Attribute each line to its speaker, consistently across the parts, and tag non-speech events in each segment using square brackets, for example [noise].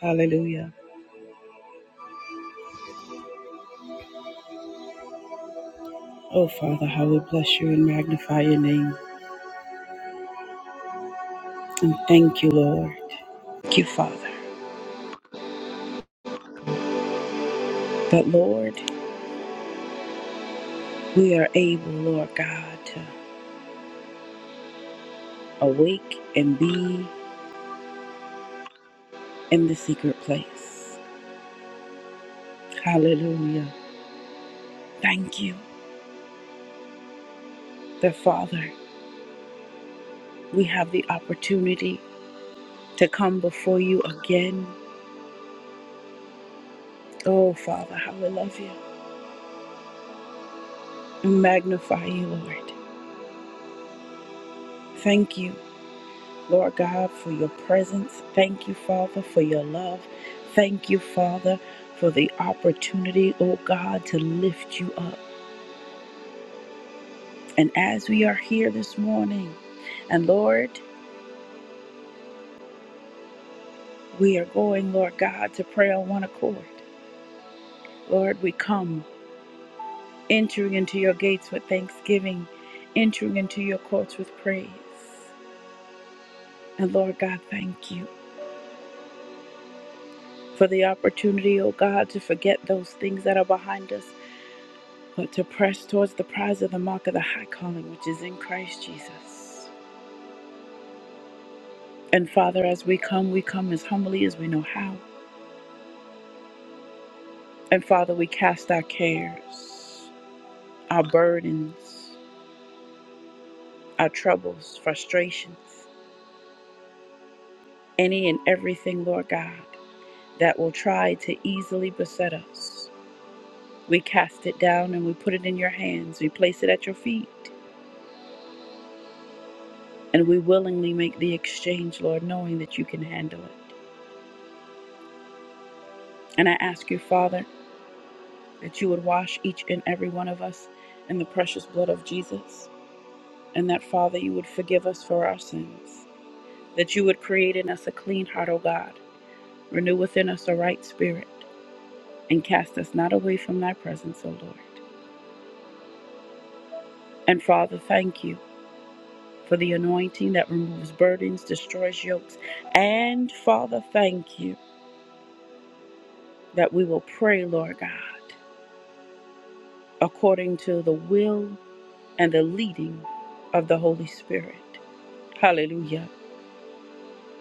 Speaker 1: Hallelujah. Oh, Father, how we bless you and magnify your name. And thank you, Lord. Thank you, Father. But Lord, we are able, Lord God, to awake and be in the secret place. Hallelujah. Thank you that, Father, we have the opportunity to come before you again. Oh, Father, how we love you and magnify you, Lord. Thank you Lord God, for your presence. Thank you, Father, for your love. Thank you, Father, for the opportunity, oh God, to lift you up. And as we are here this morning, and Lord, we are going, Lord God, to pray on one accord. Lord, we come entering into your gates with thanksgiving, entering into your courts with praise. And Lord God, thank you for the opportunity, oh God, to forget those things that are behind us but to press towards the prize of the mark of the high calling which is in Christ Jesus. And Father, as we come, we come as humbly as we know how. And Father, we cast our cares, our burdens, our troubles, frustrations, any and everything, Lord God, that will try to easily beset us. We cast it down and we put it in your hands. We place it at your feet. And we willingly make the exchange, Lord, knowing that you can handle it. And I ask you, Father, that you would wash each and every one of us in the precious blood of Jesus, and that, Father, you would forgive us for our sins, that you would create in us a clean heart, O God, renew within us a right spirit, and cast us not away from thy presence, O Lord. And Father, thank you for the anointing that removes burdens, destroys yokes, and Father, thank you that we will pray, Lord God, according to the will and the leading of the Holy Spirit. Hallelujah.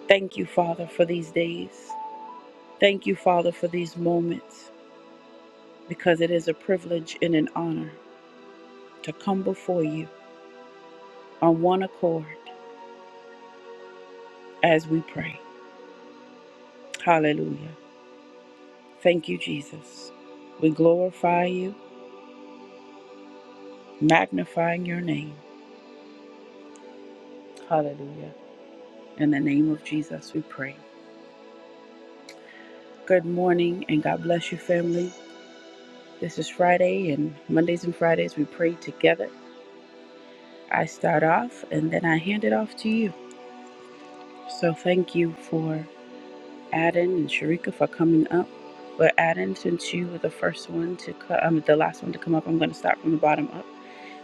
Speaker 1: Thank you, Father, for these days. Thank you, Father, for these moments, because it is a privilege and an honor to come before you on one accord as we pray. Hallelujah. Thank you, Jesus. We glorify you, magnifying your name. Hallelujah. In the name of Jesus, we pray. Good morning and God bless you, family. This is Friday, and Mondays and Fridays we pray together. I start off and then I hand it off to you. So thank you for Adam and Sharika for coming up. But Adam, since you were the first one to co- um, the last one to come up, I'm going to start from the bottom up.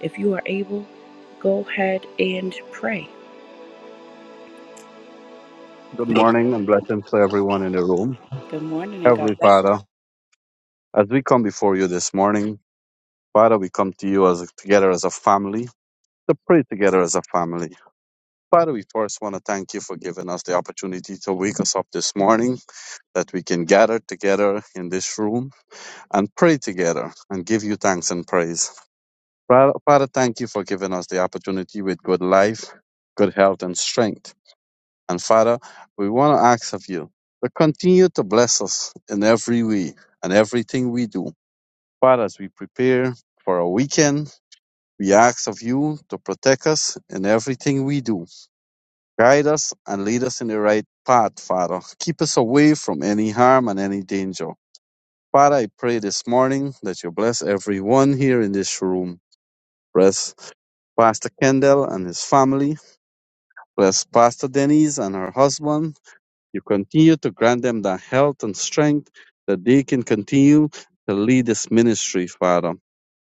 Speaker 1: If you are able, go ahead and pray.
Speaker 2: Good morning and blessings to everyone in the room.
Speaker 1: Good morning and God
Speaker 2: Heavenly
Speaker 1: bless you.
Speaker 2: Father, as we come before you this morning, Father, we come to you as together as a family to pray together as a family. Father, we first want to thank you for giving us the opportunity to wake us up this morning, that we can gather together in this room and pray together and give you thanks and praise. Father, Father, thank you for giving us the opportunity with good life, good health, and strength And Father, we want to ask of you to continue to bless us in every way and everything we do. Father, as we prepare for our weekend, we ask of you to protect us in everything we do. Guide us and lead us in the right path, Father. Keep us away from any harm and any danger. Father, I pray this morning that you bless everyone here in this room. Bless Pastor Kendall and his family. Bless Pastor Denise and her husband. You continue to grant them the health and strength that they can continue to lead this ministry, Father.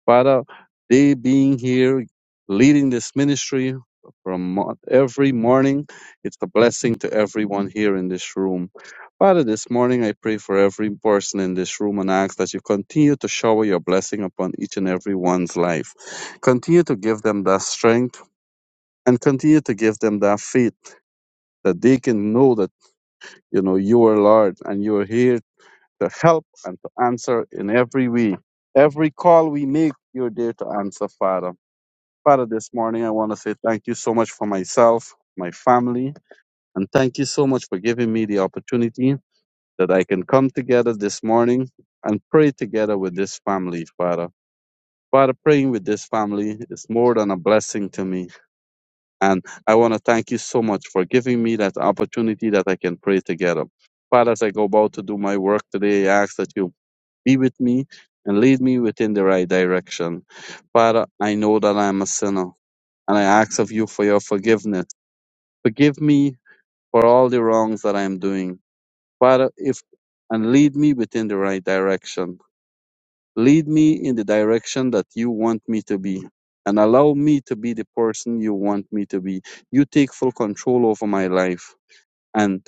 Speaker 2: Father, they being here leading this ministry from mo- every morning, it's a blessing to everyone here in this room. Father, this morning I pray for every person in this room and ask that you continue to shower your blessing upon each and every one's life. Continue to give them that strength and continue to give them that faith that they can know that you know, you are Lord and you are here to help and to answer in every way. Every call we make, you're there to answer, Father. Father, this morning I want to say thank you so much for myself, my family, and thank you so much for giving me the opportunity that I can come together this morning and pray together with this family, Father. Father, praying with this family is more than a blessing to me. And I want to thank you so much for giving me that opportunity that I can pray together. Father, as I go about to do my work today, I ask that you be with me and lead me within the right direction. Father, I know that I am a sinner and I ask of you for your forgiveness. Forgive me for all the wrongs that I am doing. Father, if and lead me within the right direction. Lead me in the direction that you want me to be and allow me to be the person you want me to be. You take full control over my life and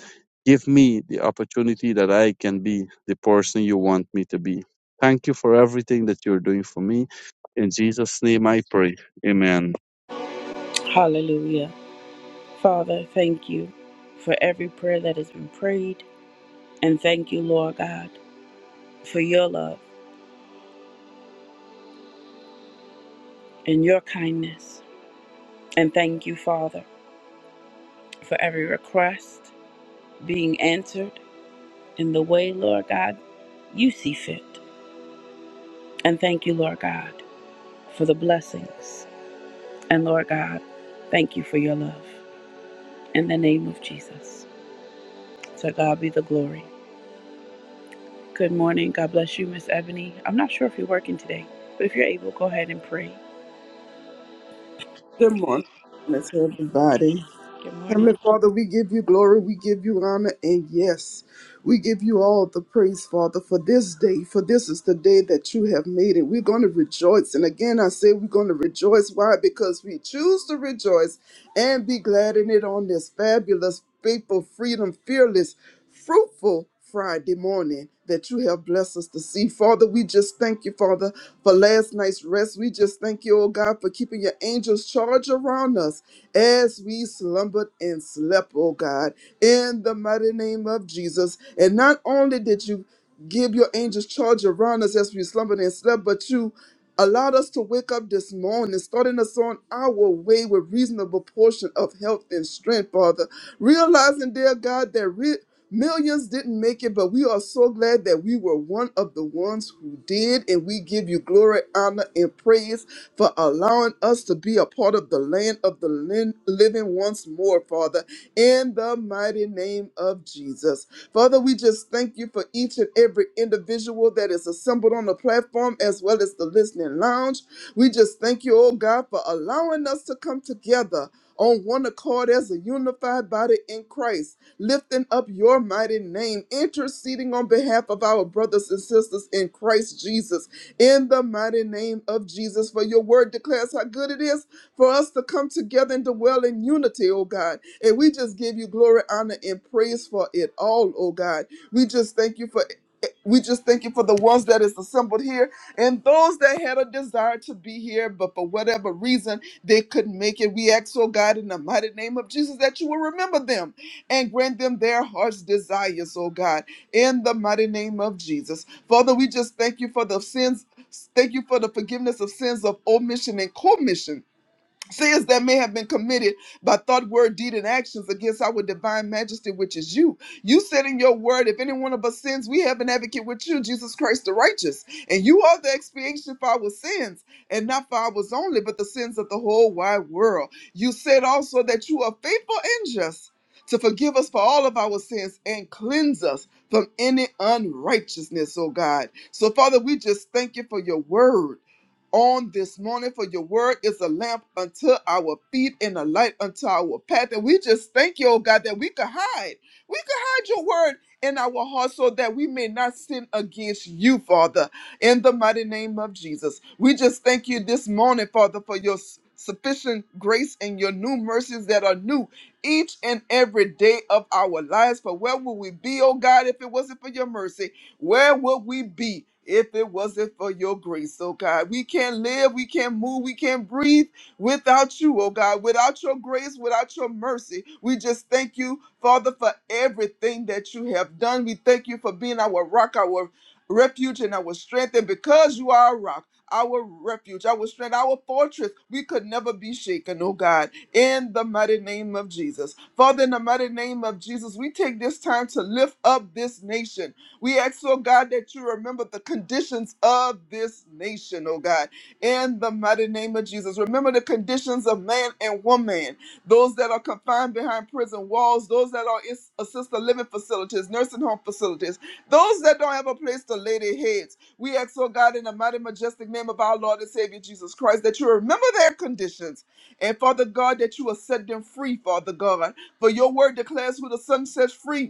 Speaker 2: give me the opportunity that I can be the person you want me to be. Thank you for everything that you're doing for me. In Jesus' name I pray. Amen.
Speaker 1: Hallelujah. Father, thank you for every prayer that has been prayed. And thank you, Lord God, for your love and your kindness. And thank you, Father, for every request being answered in the way, Lord God, you see fit. And thank you, Lord God, for the blessings. And Lord God, thank you for your love. In the name of Jesus. To God be the glory. Good morning. God bless you, Miss Ebony. I'm not sure if you're working today, but if you're able, go ahead and pray.
Speaker 3: Good morning, morning to everybody.
Speaker 1: Good morning.
Speaker 3: Heavenly Father, we give you glory, we give you honor, and yes, we give you all the praise, Father, for this day, for this is the day that you have made, and we're going to rejoice. And again, I say we're going to rejoice. Why? Because we choose to rejoice and be glad in it on this fabulous, faithful, freedom, fearless, fruitful Friday morning that you have blessed us to see. Father, we just thank you, Father, for last night's rest. We just thank you, oh God, for keeping your angels charge around us as we slumbered and slept, oh God, in the mighty name of Jesus. And not only did you give your angels charge around us as we slumbered and slept, but you allowed us to wake up this morning, starting us on our way with reasonable portion of health and strength, Father. Realizing, dear God, that re- millions didn't make it, but we are so glad that we were one of the ones who did, and we give you glory, honor, and praise for allowing us to be a part of the land of the lin- living once more, Father, in the mighty name of Jesus. Father, we just thank you for each and every individual that is assembled on the platform as well as the listening lounge. We just thank you, oh God, for allowing us to come together on one accord as a unified body in Christ, lifting up your mighty name, interceding on behalf of our brothers and sisters in Christ Jesus in the mighty name of Jesus. For your word declares how good it is for us to come together and dwell in unity, oh God. And we just give you glory, honor, and praise for it all, oh God. We just thank you for we just thank you for the ones that is assembled here and those that had a desire to be here, but for whatever reason they couldn't make it. We ask, oh God, in the mighty name of Jesus, that you will remember them and grant them their heart's desires, oh God, in the mighty name of Jesus. Father, we just thank you for the sins Thank you for the forgiveness of sins of omission and commission sins that may have been committed by thought, word, deed, and actions against our divine majesty, which is you. You said in your word, if any one of us sins, we have an advocate with you, Jesus Christ the righteous. And you are the expiation for our sins, and not for ours only, but the sins of the whole wide world. You said also that you are faithful and just to forgive us for all of our sins and cleanse us from any unrighteousness, oh God. So, Father, we just thank you for your word on this morning for your word is a lamp unto our feet and a light unto our path. And we just thank you, oh God, that we could hide. We could hide your word in our hearts so that we may not sin against you, Father, in the mighty name of Jesus. We just thank you this morning, Father, for your s- sufficient grace and your new mercies that are new each and every day of our lives. For where would we be, oh God, if it wasn't for your mercy? Where would we be if it wasn't for your grace, oh God? We can't live, we can't move, we can't breathe without you, oh God, without your grace, without your mercy. We just thank you, Father, for everything that you have done. We thank you for being our rock, our refuge, and our strength. And because you are a rock, our refuge, our strength, our fortress, we could never be shaken, oh God, in the mighty name of Jesus. Father, in the mighty name of Jesus, we take this time to lift up this nation we ask, oh God, that you remember the conditions of this nation, oh God, in the mighty name of Jesus. Remember the conditions of man and woman, those that are confined behind prison walls, those that are in assisted living facilities, nursing home facilities, those that don't have a place to lay their heads. We ask, oh God, in the mighty, majestic name of our Lord and Savior Jesus Christ, that you remember their conditions. And Father God, that you will set them free, Father God. For your word declares who the Son sets free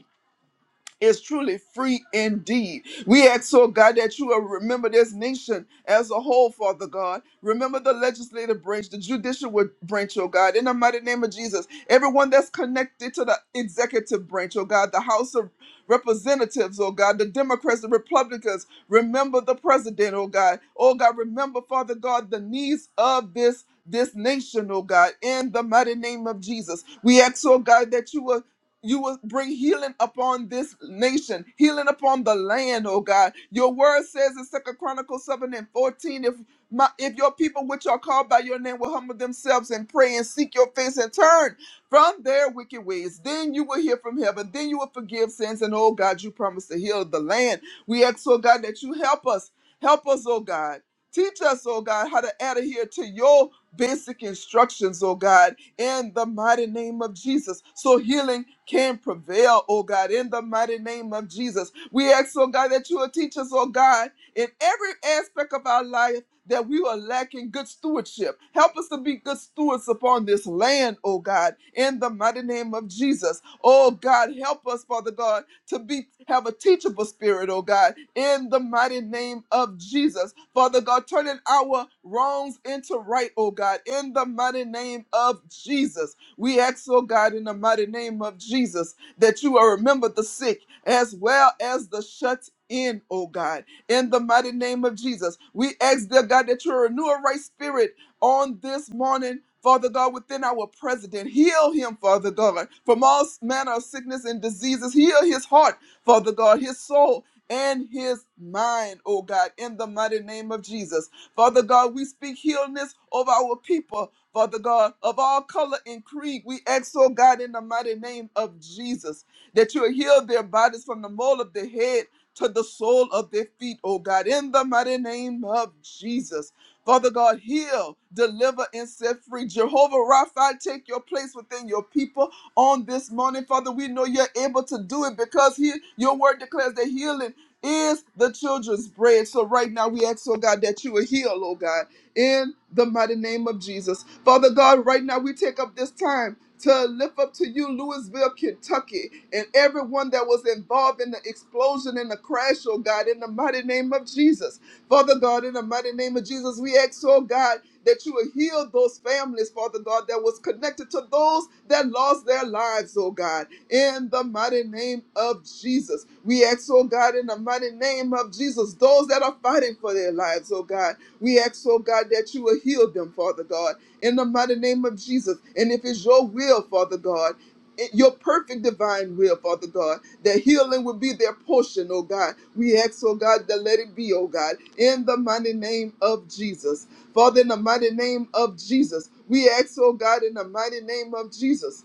Speaker 3: is truly free indeed. We ask, oh God, that you will remember this nation as a whole, Father God. Remember the legislative branch, the judicial wa- branch, oh God, in the mighty name of Jesus. Everyone that's connected to the executive branch, oh God, the House of Representatives, oh God, the Democrats, the Republicans. Remember the president, oh God. Oh God, remember, Father God, the needs of this. This nation, oh God, in the mighty name of Jesus. We ask, oh God, that you will you will bring healing upon this nation, healing upon the land, oh God. Your word says in Second Chronicles 7 and 14, if my if your people which are called by your name will humble themselves and pray and seek your face and turn from their wicked ways, then you will hear from heaven, then you will forgive sins, and oh God, you promise to heal the land. We ask, oh God, that you help us. Help us, oh God. Teach us, oh God, how to adhere to your basic instructions, oh God in the mighty name of Jesus. So healing can prevail, oh God, in the mighty name of Jesus. We ask, oh God, that you will teach us, oh God, in every aspect of our life that we are lacking good stewardship. Help us to be good stewards upon this land, oh God, in the mighty name of Jesus. Oh God, help us, Father God, to be have a teachable spirit, oh God, in the mighty name of Jesus. Father God, turning our wrongs into right, oh God, in the mighty name of Jesus. We ask, oh God, in the mighty name of Jesus, that you will remember the sick as well as the shut in, oh God, in the mighty name of Jesus. We ask, dear God, that you renew a right spirit on this morning, Father God, within our president. Heal him, Father God, from all manner of sickness and diseases. Heal his heart, Father God, his soul. And his mind, oh God, in the mighty name of Jesus. Father God, we speak healness of our people, Father God, of all color and creed. We ask, oh God, in the mighty name of Jesus, that you heal their bodies from the mole of their head to the sole of their feet, oh God, in the mighty name of Jesus. Father God, heal, deliver, and set free. Jehovah Rapha, take your place within your people on this morning. Father, we know you're able to do it because he, your word declares that healing is the children's bread. So right now we ask, oh God, that you will heal, oh God, in the mighty name of Jesus. Father God, right now we take up this time to lift up to you Louisville, Kentucky, and everyone that was involved in the explosion and the crash, oh God, in the mighty name of Jesus. Father God, in the mighty name of Jesus, we ask, oh God, that you will heal those families, Father God, that was connected to those that lost their lives, oh God, in the mighty name of Jesus. We ask, oh God, in the mighty name of Jesus, those that are fighting for their lives, oh God, we ask, oh God, that you will heal them, Father God, in the mighty name of Jesus. And if it's your will, Father God, it- your perfect divine will, Father God that healing will be their portion, oh God. We ask, oh God, that let it be, oh God, in the mighty name of Jesus. Father, in the mighty name of Jesus, we ask, oh God, in the mighty name of Jesus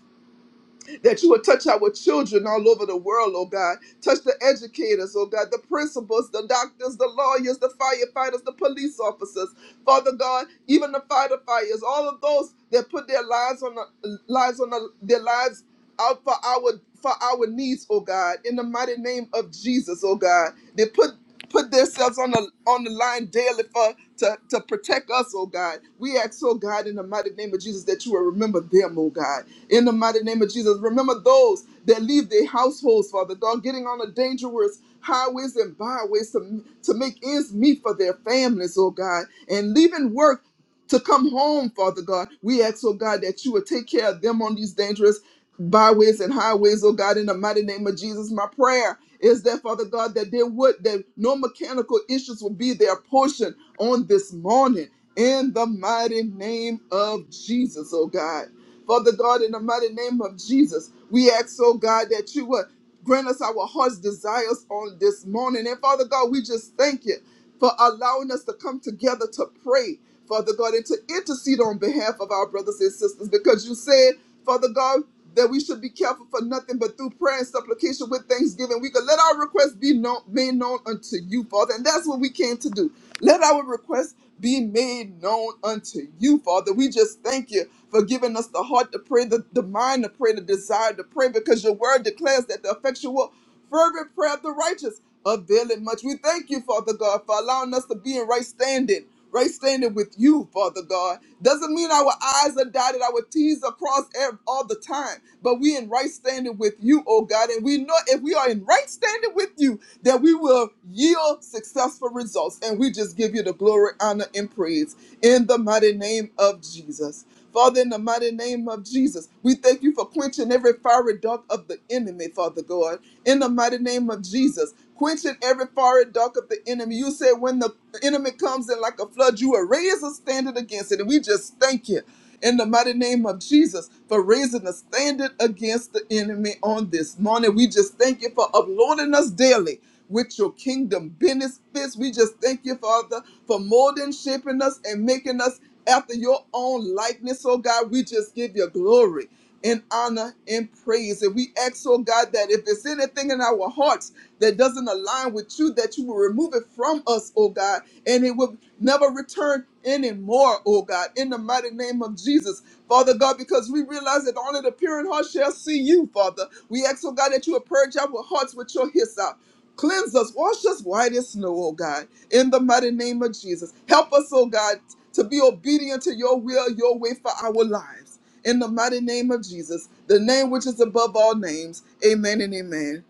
Speaker 3: that you would touch our children all over the world, oh God. Touch the educators, oh God, the principals, the doctors, the lawyers, the firefighters, the police officers, Father God, even the firefighters, all of those that put their lives on the lives on the, their lives out for our for our needs, oh God, in the mighty name of Jesus, oh God. They put put themselves on the on the line daily for to, to protect us, oh God. We ask, oh God, in the mighty name of Jesus, that you will remember them, oh God in the mighty name of Jesus. Remember those that leave their households, Father God, getting on the dangerous highways and byways to, to make ends meet for their families, oh God, and leaving work to come home, Father God. We ask, oh God, that you would take care of them on these dangerous byways and highways, oh God, in the mighty name of Jesus. My prayer is that, Father God, that there would, that no mechanical issues will be their portion on this morning. In the mighty name of Jesus, oh God. Father God, in the mighty name of Jesus, we ask, oh God, that you would grant us our heart's desires on this morning. And Father God, we just thank you for allowing us to come together to pray, Father God, and to intercede on behalf of our brothers and sisters because you said, Father God, that we should be careful for nothing but through prayer and supplication with thanksgiving. We could let our requests be known, made known unto you, Father. And that's what we came to do. Let our requests be made known unto you, Father. We just thank you for giving us the heart to pray, the, the mind to pray, the desire to pray, because your word declares that the effectual, fervent prayer of the righteous availeth much. We thank you, Father God, for allowing us to be in right standing. right standing standing with you, Father God. Doesn't mean our I's are dotted, our T's are crossed ev- all the time, but we in right standing with you, oh God. And we know if we are in right standing with you, that we will yield successful results. And we just give you the glory, honor, and praise in the mighty name of Jesus. Father, in the mighty name of Jesus, we thank you for quenching every fiery dart of the enemy, Father God in the mighty name of Jesus. Quenching every fiery dark of the enemy. You said when the enemy comes in like a flood, you will raise a standard against it. And we just thank you in the mighty name of Jesus for raising a standard against the enemy on this morning. We just thank you for uploading us daily with your kingdom benefits. We just thank you, Father, for molding, shaping us, and making us after your own likeness, oh God. We just give you glory in honor and praise. And we ask, oh God, that if there's anything in our hearts that doesn't align with you, that you will remove it from us, oh God, and it will never return anymore, oh God, in the mighty name of Jesus. Father God, because we realize that only the pure in heart shall see you, Father. We ask, oh God, that you would purge our hearts with your hyssop. Cleanse us, wash us white as snow, oh God, in the mighty name of Jesus. Help us, oh God, to be obedient to your will, your way for our lives. In the mighty name of Jesus, the name which is above all names. Amen and amen.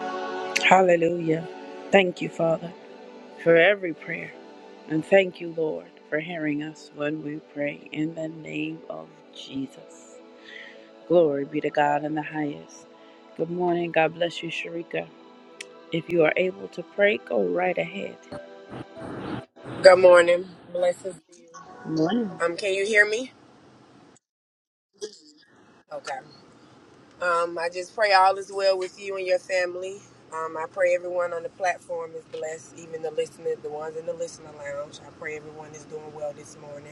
Speaker 1: Hallelujah. Thank you, Father, for every prayer. And thank you, Lord, for hearing us when we pray. In the name of Jesus. Glory be to God in the highest. Good morning. God bless you, Sharika. If you are able to pray, go right ahead.
Speaker 4: Good morning. Blessings to you.
Speaker 1: Amen.
Speaker 4: Um, can you hear me? Okay. Um, I just pray all is well with you and your family. Um, I pray everyone on the platform is blessed, even the listener, the ones in the listener lounge. I pray everyone is doing well this morning.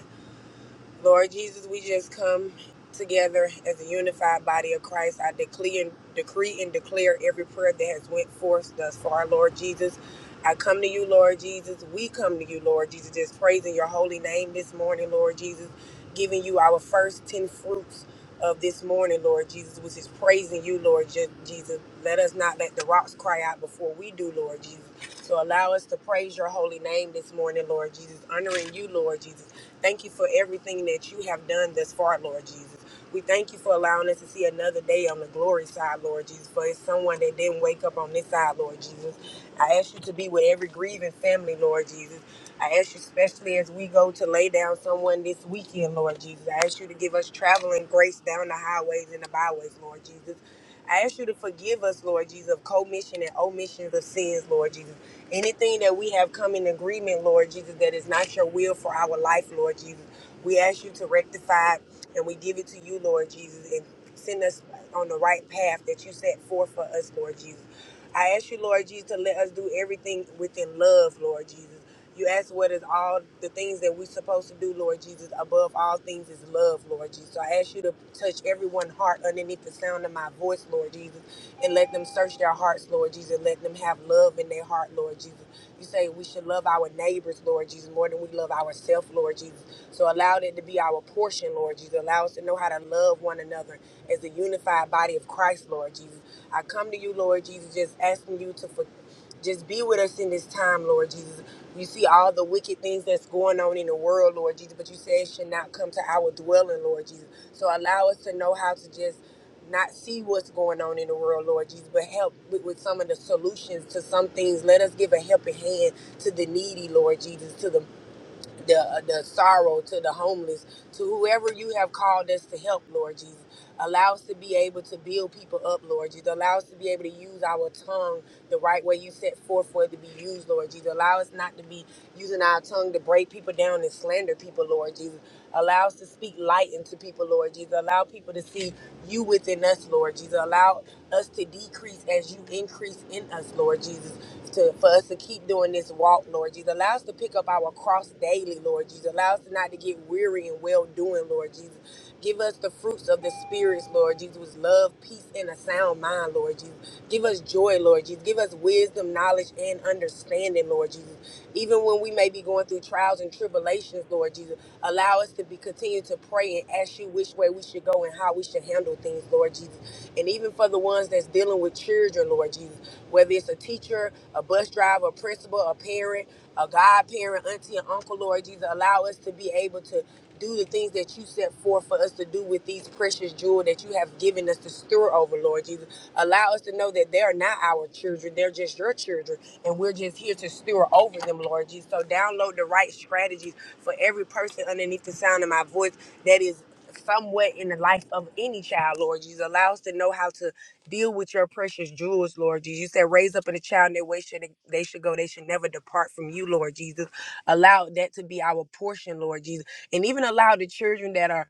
Speaker 4: Lord Jesus, we just come together as a unified body of Christ. I decree and decree and declare every prayer that has went forth thus far, Lord Jesus. I come to you, Lord Jesus. We come to you, Lord Jesus, just praising your holy name this morning, Lord Jesus, giving you our first ten fruits of this morning, Lord Jesus, which is praising you, Lord Je- Jesus. Let us not let the rocks cry out before we do, Lord Jesus. So allow us to praise your holy name this morning, Lord Jesus, honoring you, Lord Jesus. Thank you for everything that you have done thus far, Lord Jesus. We thank you for allowing us to see another day on the glory side, Lord Jesus. For it's someone that didn't wake up on this side, Lord Jesus. I ask you to be with every grieving family, Lord Jesus. I ask you, especially as we go to lay down someone this weekend, Lord Jesus, I ask you to give us traveling grace down the highways and the byways, Lord Jesus. I ask you to forgive us, Lord Jesus, of commission and omissions of sins, Lord Jesus. Anything that we have come in agreement, Lord Jesus, that is not your will for our life, Lord Jesus, we ask you to rectify it, and we give it to you, Lord Jesus, and send us on the right path that you set forth for us, Lord Jesus. I ask you, Lord Jesus, to let us do everything within love, Lord Jesus. You ask what is all the things that we're supposed to do, Lord Jesus. Above all things is love, Lord Jesus. So I ask you to touch everyone's heart underneath the sound of my voice, Lord Jesus, and let them search their hearts, Lord Jesus. Let them have love in their heart, Lord Jesus. You say we should love our neighbors, Lord Jesus, more than we love ourselves, Lord Jesus. So allow that to be our portion, Lord Jesus. Allow us to know how to love one another as a unified body of Christ, Lord Jesus. I come to you, Lord Jesus, just asking you to for, just be with us in this time, Lord Jesus. You see all the wicked things that's going on in the world, Lord Jesus, but you say it should not come to our dwelling, Lord Jesus. So allow us to know how to just not see what's going on in the world, Lord Jesus, but help with, with some of the solutions to some things. Let us give a helping hand to the needy, Lord Jesus, to the the, uh, the sorrow, to the homeless, to whoever you have called us to help, Lord Jesus. Allow us to be able to build people up, Lord Jesus. Allow us to be able to use our tongue the right way you set forth for it to be used, Lord Jesus. Allow us not to be using our tongue to break people down and slander people, Lord Jesus. Allow us to speak light into people, Lord Jesus. Allow people to see you within us, Lord Jesus. Allow us to decrease as you increase in us, Lord Jesus. To, for us to keep doing this walk, Lord Jesus. Allow us to pick up our cross daily, Lord Jesus. Allow us not to get weary and well doing, Lord Jesus. Give us the fruits of the spirits, Lord Jesus. Love, peace, and a sound mind, Lord Jesus. Give us joy, Lord Jesus. Give us wisdom, knowledge, and understanding, Lord Jesus. Even when we may be going through trials and tribulations, Lord Jesus, allow us to be continue to pray and ask you which way we should go and how we should handle things, Lord Jesus. And even for the ones that's dealing with children, Lord Jesus, whether it's a teacher, a bus driver, a principal, a parent, a godparent, auntie, and uncle, Lord Jesus. Allow us to be able to do the things that you set forth for us to do with these precious jewels that you have given us to stir over, Lord Jesus. Allow us to know that they are not our children, they're just your children, and we're just here to stir over them, Lord Jesus. So download the right strategies for every person underneath the sound of my voice that is somewhat in the life of any child, Lord Jesus. Allow us to know how to Deal with your precious jewels, Lord Jesus. You said, raise up in a child in their way should they should go. They should never depart from you, Lord Jesus. Allow that to be our portion, Lord Jesus. And even allow the children that are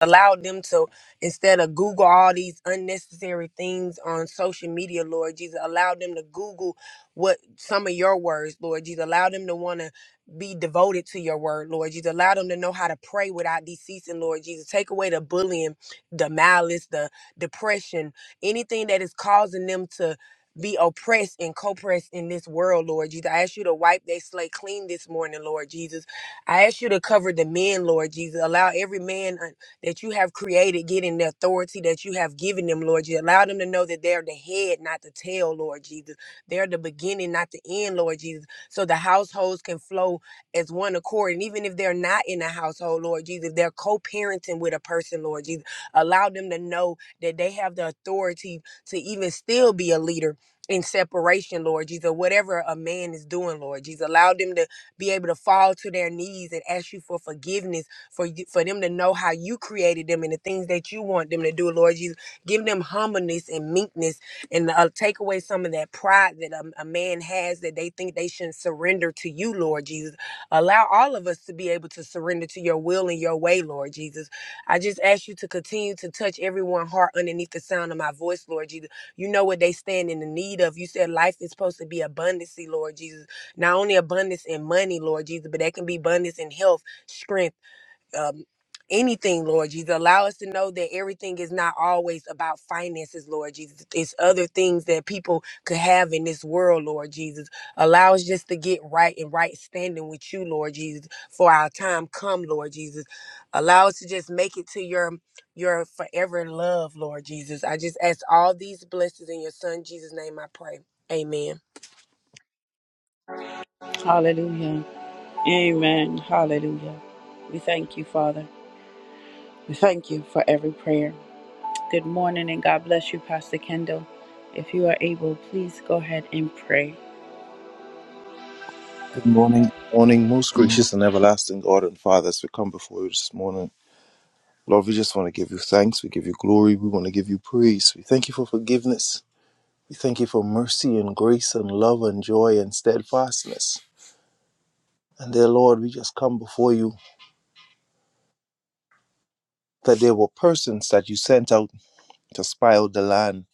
Speaker 4: allowed them to instead of google all these unnecessary things on social media lord jesus allow them to google what some of your words lord jesus allow them to want to be devoted to your word lord jesus allow them to know how to pray without deceasing lord jesus take away the bullying the malice the depression anything that is causing them to be oppressed and co-pressed in this world, Lord Jesus. I ask you to wipe their slate clean this morning, Lord Jesus. I ask you to cover the men, Lord Jesus. Allow every man that you have created getting the authority that you have given them, Lord. You allow them to know that they're the head, not the tail, Lord Jesus. They're the beginning, not the end, Lord Jesus. So the households can flow as one accord. And even if they're not in a household, Lord Jesus, if they're co parenting with a person, Lord Jesus. Allow them to know that they have the authority to even still be a leader. In separation, Lord Jesus, whatever a man is doing, Lord Jesus, allow them to be able to fall to their knees and ask you for forgiveness for you, for them to know how you created them and the things that you want them to do, Lord Jesus. Give them humbleness and meekness and uh, take away some of that pride that a, a man has that they think they shouldn't surrender to you, Lord Jesus. Allow all of us to be able to surrender to your will and your way, Lord Jesus. I just ask you to continue to touch everyone's heart underneath the sound of my voice, Lord Jesus. You know what they stand in the need of. You said life is supposed to be abundancy, Lord Jesus. Not only abundance in money, Lord Jesus, but that can be abundance in health, strength um, anything, Lord Jesus. Allow us to know that everything is not always about finances, Lord Jesus. It's other things that people could have in this world, Lord Jesus. Allow us just to get right and right standing with you, Lord Jesus, for our time come, Lord Jesus. Allow us to just make it to your your forever love, Lord Jesus. I just ask all these blessings in your son Jesus' name I pray. Amen.
Speaker 1: Hallelujah. Amen. Hallelujah. We thank you, Father. We thank you for every prayer. Good morning and God bless you, Pastor Kendall. If you are able, please go ahead and pray.
Speaker 5: Good morning, good morning, most gracious and everlasting God and Father, as we come before you this morning. Lord, we just want to give you thanks. We give you glory. We want to give you praise. We thank you for forgiveness. We thank you for mercy and grace and love and joy and steadfastness. And dear Lord, we just come before you that there were persons that you sent out to spy out the land,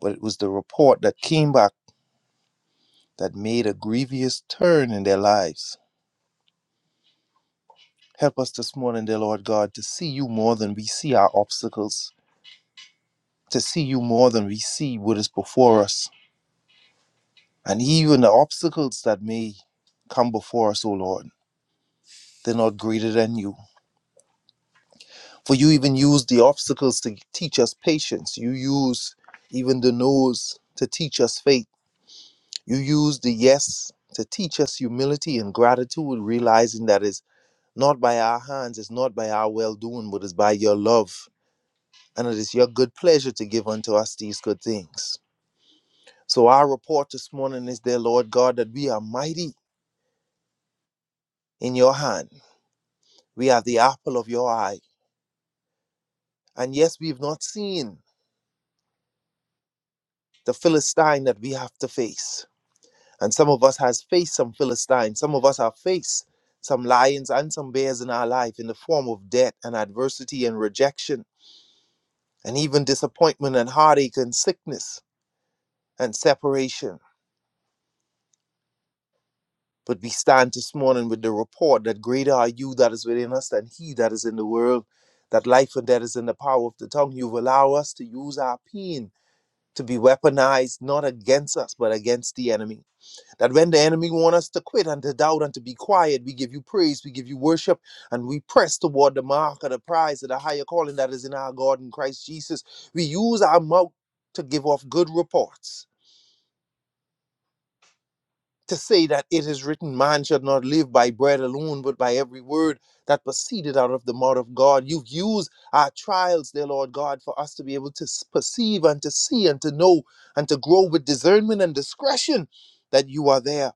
Speaker 5: but it was the report that came back that made a grievous turn in their lives. Help us this morning, dear Lord God, to see you more than we see our obstacles to see you more than we see what is before us. And even the obstacles that may come before us, O Lord, they're not greater than you. For you even use the obstacles to teach us patience. You use even the no's to teach us faith. You use the yes to teach us humility and gratitude, realizing that it's not by our hands, it's not by our well doing, but it's by your love. And it is your good pleasure to give unto us these good things. So our report this morning is, dear Lord God, that we are mighty in your hand. We are the apple of your eye. And yes, we've not seen the Philistine that we have to face. And some of us has faced some Philistines. Some of us have faced some lions and some bears in our life in the form of debt and adversity and rejection and even disappointment and heartache and sickness and separation. But we stand this morning with the report that greater are you that is within us than he that is in the world, that life and death is in the power of the tongue. You allow us to use our pain to be weaponized not against us, but against the enemy. That when the enemy want us to quit and to doubt and to be quiet, we give you praise, we give you worship, and we press toward the mark of the prize of the higher calling that is in our God in Christ Jesus. We use our mouth to give off good reports to say that it is written, man shall not live by bread alone, but by every word that proceeded out of the mouth of God. You've used our trials, dear Lord God, for us to be able to s- perceive and to see and to know and to grow with discernment and discretion that you are there.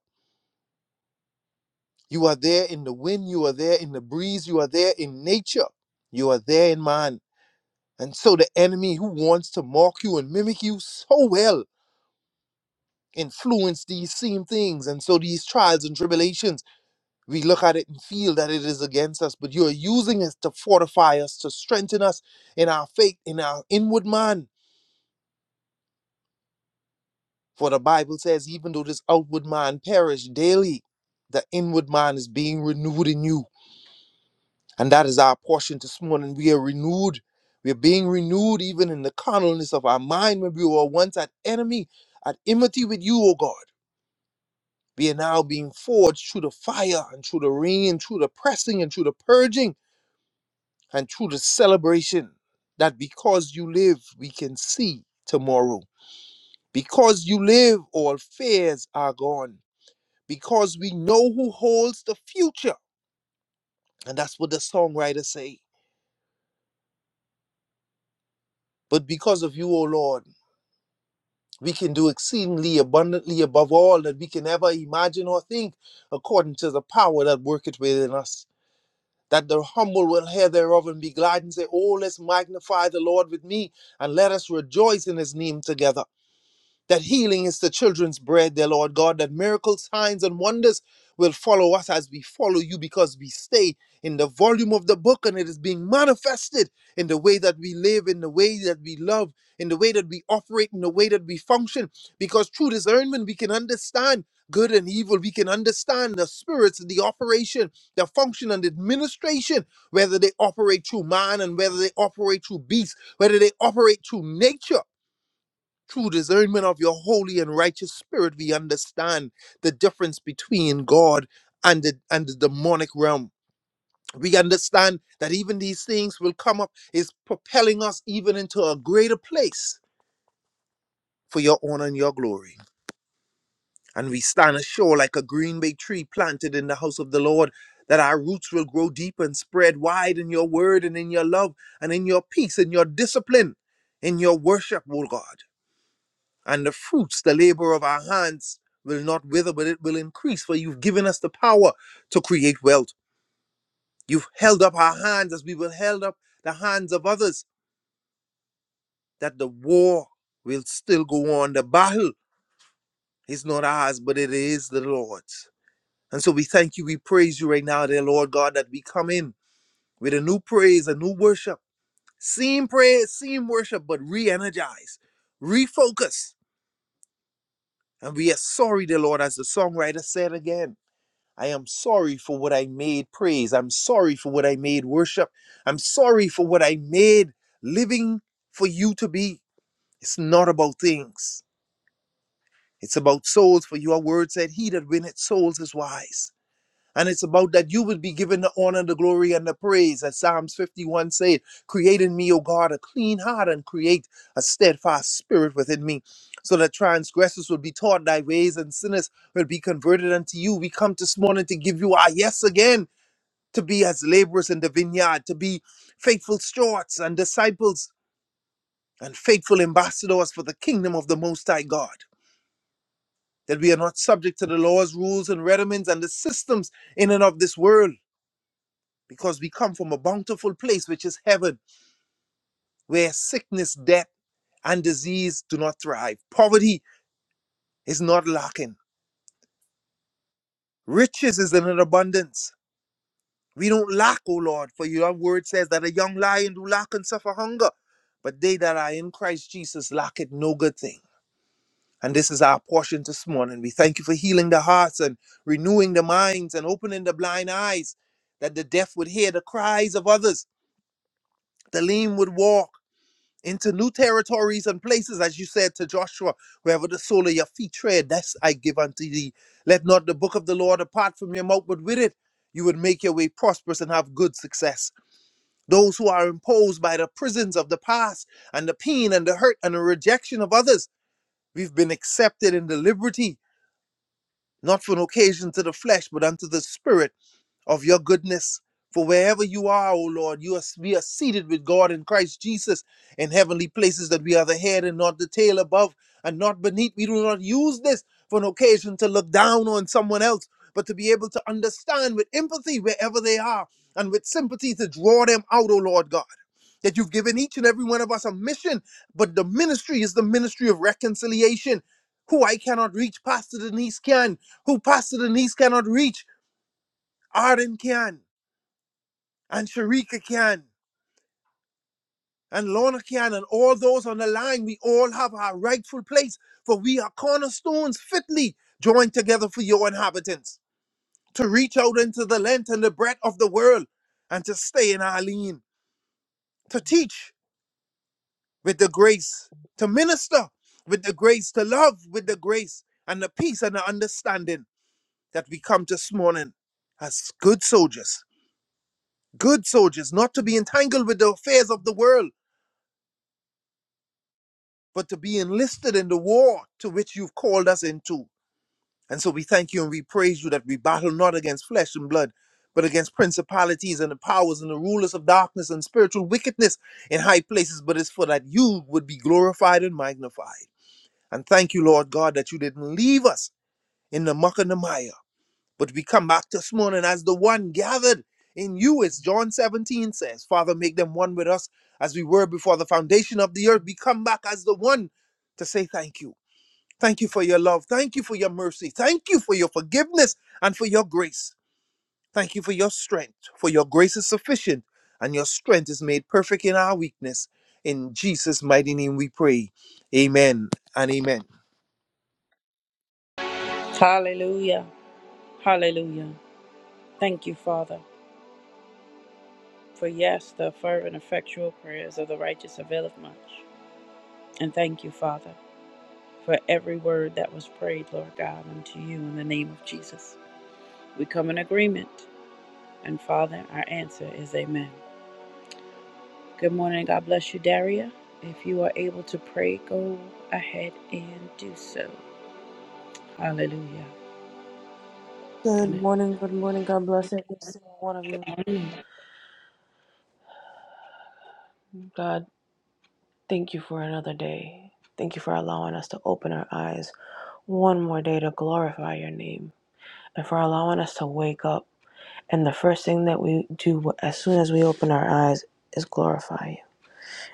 Speaker 5: You are there in the wind, you are there in the breeze, you are there in nature, you are there in man. And so the enemy who wants to mock you and mimic you so well influence these same things. And so these trials and tribulations. We look at it and feel that it is against us, but you are using it to fortify us, to strengthen us in our faith, in our inward man. For the Bible says, even though this outward man perish daily, the inward man is being renewed in you. And that is our portion this morning. We are renewed. We are being renewed even in the carnalness of our mind when we were once at enemy, at enmity with you, O God. We are now being forged through the fire and through the rain, through the pressing and through the purging and through the celebration that because you live, we can see tomorrow. Because you live, all fears are gone. Because we know who holds the future. And that's what the songwriters say. But because of you, O Lord, we can do exceedingly abundantly above all that we can ever imagine or think, according to the power that worketh within us. That the humble will hear thereof and be glad and say, Oh, let's magnify the Lord with me, and let us rejoice in his name together. that healing is the children's bread, dear Lord God, that miracles, signs, and wonders will follow us as we follow you because we stay in the volume of the book and it is being manifested in the way that we live, in the way that we love, in the way that we operate, in the way that we function. Because through discernment, we can understand good and evil. We can understand the spirits, the operation, the function, and the administration, whether they operate through man and whether they operate through beast, whether they operate through nature. Through discernment of your holy and righteous spirit, we understand the difference between God and the, and the demonic realm. We understand that even these things will come up, is propelling us even into a greater place for your honor and your glory. And we stand ashore like a green bay tree planted in the house of the Lord, that our roots will grow deep and spread wide in your word and in your love and in your peace and your discipline, in your worship, O God. and the fruits, the labor of our hands, will not wither, but it will increase. For you've given us the power to create wealth. You've held up our hands as we will held up the hands of others, that the war will still go on. The battle is not ours, but it is the Lord's. And so we thank you, we praise you right now, dear Lord God, that we come in with a new praise, a new worship. Seem praise, seem worship, but re energize, refocus. And we are sorry, dear Lord, as the songwriter said again. I am sorry for what I made praise. I'm sorry for what I made worship. I'm sorry for what I made living for you to be. It's not about things, it's about souls. For your word said, He that winneth souls is wise. And it's about that you would be given the honor, the glory, and the praise. As Psalms 51 said, Create in me, O God, a clean heart and create a steadfast spirit within me, so that transgressors would be taught thy ways and sinners will be converted unto you. We come this morning to give you our yes again to be as laborers in the vineyard, to be faithful stewards and disciples and faithful ambassadors for the kingdom of the Most High God. That we are not subject to the laws, rules, and rudiments and the systems in and of this world, because we come from a bountiful place, which is heaven, where sickness, death, and disease do not thrive. Poverty is not lacking, riches is in an abundance We don't lack, O Lord, for your word says that a young lion do lack and suffer hunger. But they that are in Christ Jesus lack it no good thing. And this is our portion this morning. We thank you for healing the hearts and renewing the minds and opening the blind eyes, that the deaf would hear the cries of others, the lame would walk into new territories and places, as you said to Joshua, wherever the sole of your feet tread, that's I give unto thee. Let not the book of the law depart from your mouth, but with it you would make your way prosperous and have good success those who are imposed by the prisons of the past and the pain and the hurt and the rejection of others. We've been accepted in the liberty, not for an occasion to the flesh, but unto the spirit of your goodness. For wherever you are, O Lord, you are, we are seated with God in Christ Jesus in heavenly places, that we are the head and not the tail, above and not beneath. We do not use this for an occasion to look down on someone else, but to be able to understand with empathy wherever they are and with sympathy to draw them out, O Lord God. That you've given each and every one of us a mission, but the ministry is the ministry of reconciliation. Who I cannot reach, Pastor Denise can. Who Pastor Denise cannot reach, Arden can and Sharika can and Lorna can and all those on the line, we all have our rightful place, for we are cornerstones fitly joined together for your inhabitants, to reach out into the length and the breadth of the world, and to stay in our lean, to teach with the grace, to minister with the grace, to love with the grace, and the peace and the understanding that we come this morning as good soldiers, good soldiers, not to be entangled with the affairs of the world but to be enlisted in the war to which you've called us into. And so we thank you and we praise you that we battle not against flesh and blood, but against principalities and the powers and the rulers of darkness and spiritual wickedness in high places, but it's for that you would be glorified and magnified. And thank you, Lord God, that you didn't leave us in the muck and the mire, but we come back this morning as the one gathered in you, as John 17 says. Father, make them one with us as we were before the foundation of the earth. We come back as the one to say thank you. Thank you for your love. Thank you for your mercy. Thank you for your forgiveness and for your grace. Thank you for your strength, for your grace is sufficient and your strength is made perfect in our weakness. In Jesus' mighty name we pray. Amen and amen.
Speaker 1: Hallelujah. Hallelujah. Thank you, Father. For yes, the fervent, effectual prayers of the righteous availeth much. And thank you, Father, for every word that was prayed, Lord God, unto you in the name of Jesus. We come in agreement. And Father, our answer is Amen. Good morning. God bless you, Daria. If you are able to pray, go ahead and do so. Hallelujah. And
Speaker 6: Good morning, good morning. God bless every single one of you.
Speaker 1: it-
Speaker 6: God, thank you for another day. Thank you for allowing us to open our eyes one more day to glorify your name and for allowing us to wake up. And the first thing that we do as soon as we open our eyes is glorify you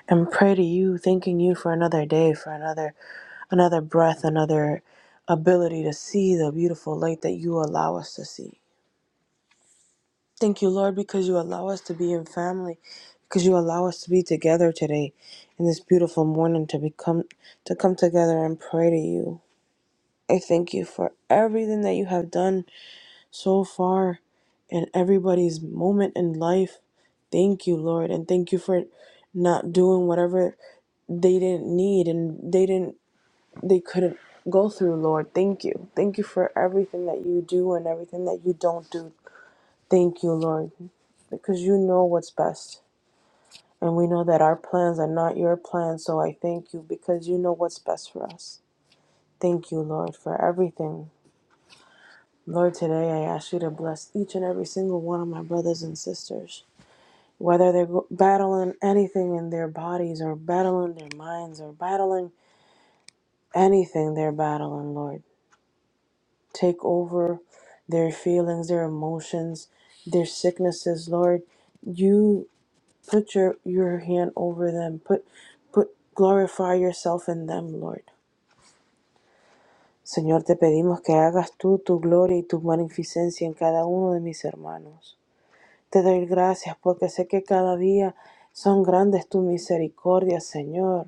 Speaker 6: and pray to you, thanking you for another day, for another another breath, another ability to see the beautiful light that you allow us to see. Thank you, Lord, because you allow us to be in family, because you allow us to be together today in this beautiful morning to become to come together and pray to you. I thank you for everything that you have done so far in everybody's moment in life. Thank you, Lord, and thank you for not doing whatever they didn't need and they didn't they couldn't go through, Lord. Thank you. Thank you for everything that you do and everything that you don't do. Thank you, Lord because you know what's best. And we know that our plans are not your plans. So I thank you because you know what's best for us. Thank you, Lord, for everything. Lord, today I ask you to bless each and every single one of my brothers and sisters, whether they're battling anything in their bodies or battling their minds or battling anything they're battling, Lord. Take over their feelings, their emotions, their sicknesses, Lord. You Put your, your hand over them. Put, put, glorify yourself in them, Lord. Señor, te pedimos que hagas tú tu gloria y tu magnificencia en cada uno de mis hermanos. Te doy gracias porque sé que cada día son grandes tus misericordias, Señor,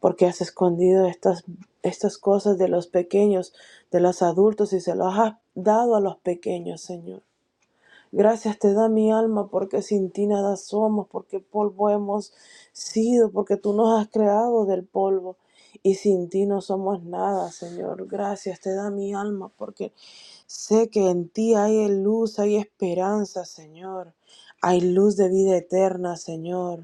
Speaker 6: porque has escondido estas, estas cosas de los pequeños, de los adultos y se las has dado a los pequeños, Señor. Gracias te da mi alma porque sin ti nada somos, porque polvo hemos sido, porque tú nos has creado del polvo y sin ti no somos nada, Señor. Gracias te da mi alma porque sé que en ti hay luz, hay esperanza, Señor. Hay luz de vida eterna, Señor.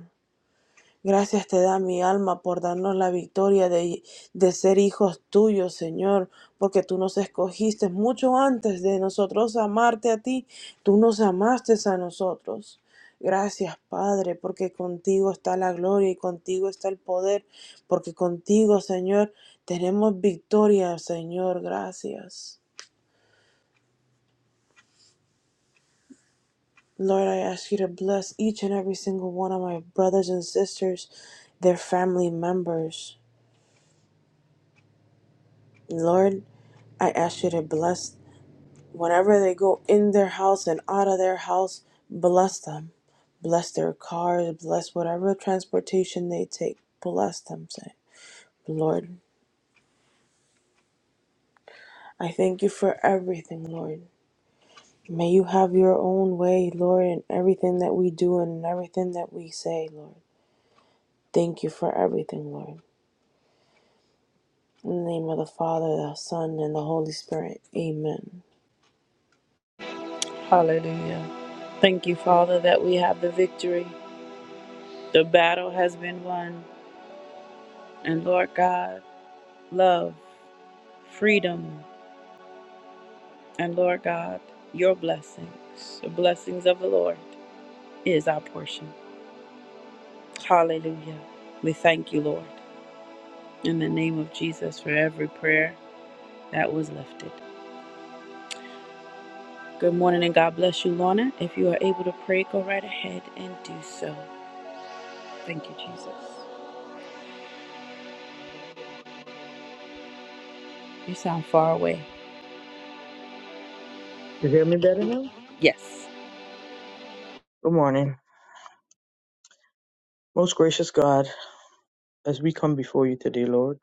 Speaker 6: Gracias te da mi alma por darnos la victoria de, de ser hijos tuyos, Señor, porque tú nos escogiste mucho antes de nosotros amarte a ti, tú nos amaste a nosotros. Gracias, Padre, porque contigo está la gloria y contigo está el poder, porque contigo, Señor, tenemos victoria, Señor, gracias. Lord, I ask you to bless each and every single one of my brothers and sisters, their family members. Lord, I ask you to bless whenever they go in their house and out of their house, bless them. Bless their cars, bless whatever transportation they take. Bless them, say. Lord, I thank you for everything, Lord. May you have your own way, Lord, in everything that we do and in everything that we say, Lord. Thank you for everything, Lord. In the name of the Father, the Son, and the Holy Spirit. Amen.
Speaker 1: Hallelujah. Thank you, Father, that we have the victory. The battle has been won. And Lord God, love, freedom, and Lord God, your blessings, the blessings of the Lord is our portion. Hallelujah. We thank you, Lord, in the name of Jesus for every prayer. that was lifted. Good morning and God bless you, Lorna. If you are able to pray, go right ahead and do so. Thank you, Jesus.
Speaker 7: Good morning, good morning, everyone.
Speaker 1: You sound far away.
Speaker 7: You hear me better now?
Speaker 1: Yes.
Speaker 7: Good morning. Most gracious God, as we come before you today, Lord,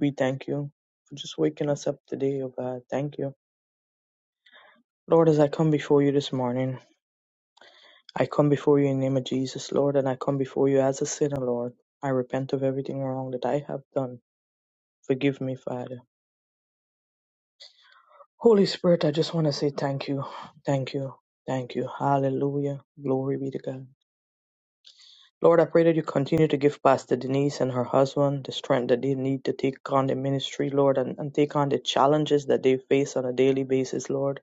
Speaker 7: we thank you for just waking us up today, oh God. Thank you. Lord, as I come before you this morning, I come before you in the name of Jesus, Lord, and I come before you as a sinner, Lord. I repent of everything wrong that I have done. Forgive me, Father. Holy Spirit, I just want to say thank you, thank you, thank you. Hallelujah. Glory be to God. Lord, I pray that you continue to give Pastor Denise and her husband the strength that they need to take on the ministry, Lord, and, and take on the challenges that they face on a daily basis, Lord.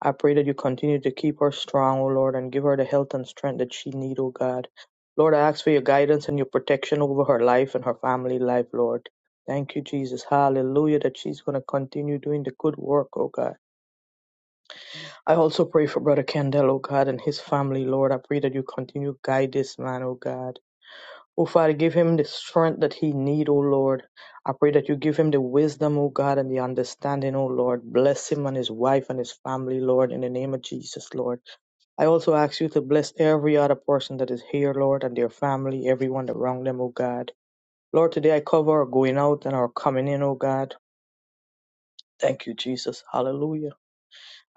Speaker 7: I pray that you continue to keep her strong, O Lord, and give her the health and strength that she need, O God. Lord, I ask for your guidance and your protection over her life and her family life, Lord. Thank you, Jesus. Hallelujah, that she's going to continue doing the good work, oh God. I also pray for Brother Kendall, oh God, and his family, Lord. I pray that you continue to guide this man, oh God. O Father, give him the strength that he need, O Lord. I pray that you give him the wisdom, O God, and the understanding, O Lord. Bless him and his wife and his family, Lord, in the name of Jesus, Lord. I also ask you to bless every other person that is here, Lord, and their family, everyone around them, O God. Lord, today I cover our going out and our coming in, O God. Thank you, Jesus. Hallelujah.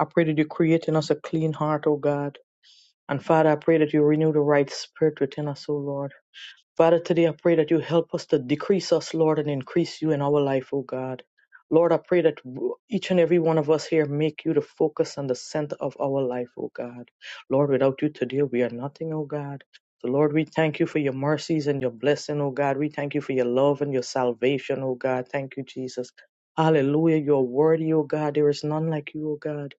Speaker 7: I pray that you create in us a clean heart, O God. And Father, I pray that you renew the right spirit within us, O Lord. Father, today I pray that you help us to decrease us, Lord, and increase you in our life, O God. Lord, I pray that w- each and every one of us here make you the focus and the center of our life, O God. Lord, without you today, we are nothing, O God. So, Lord, we thank you for your mercies and your blessing, O God. We thank you for your love and your salvation, O God. Thank you, Jesus. Hallelujah. You are worthy, O God. There is none like you, O God.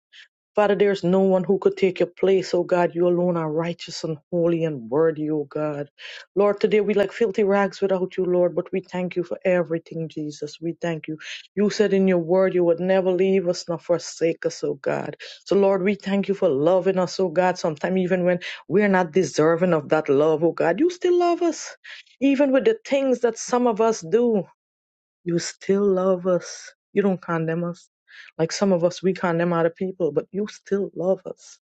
Speaker 7: Father, there is no one who could take your place, oh God. You alone are righteous and holy and worthy, oh God. Lord, today we like filthy rags without you, Lord, but we thank you for everything, Jesus. We thank you. You said in your word you would never leave us nor forsake us, oh God. So, Lord, we thank you for loving us, oh God. Sometimes even when we're not deserving of that love, oh God, you still love us. Even with the things that some of us do. You still love us. You don't condemn us. Like some of us, we condemn other people, but you still love us.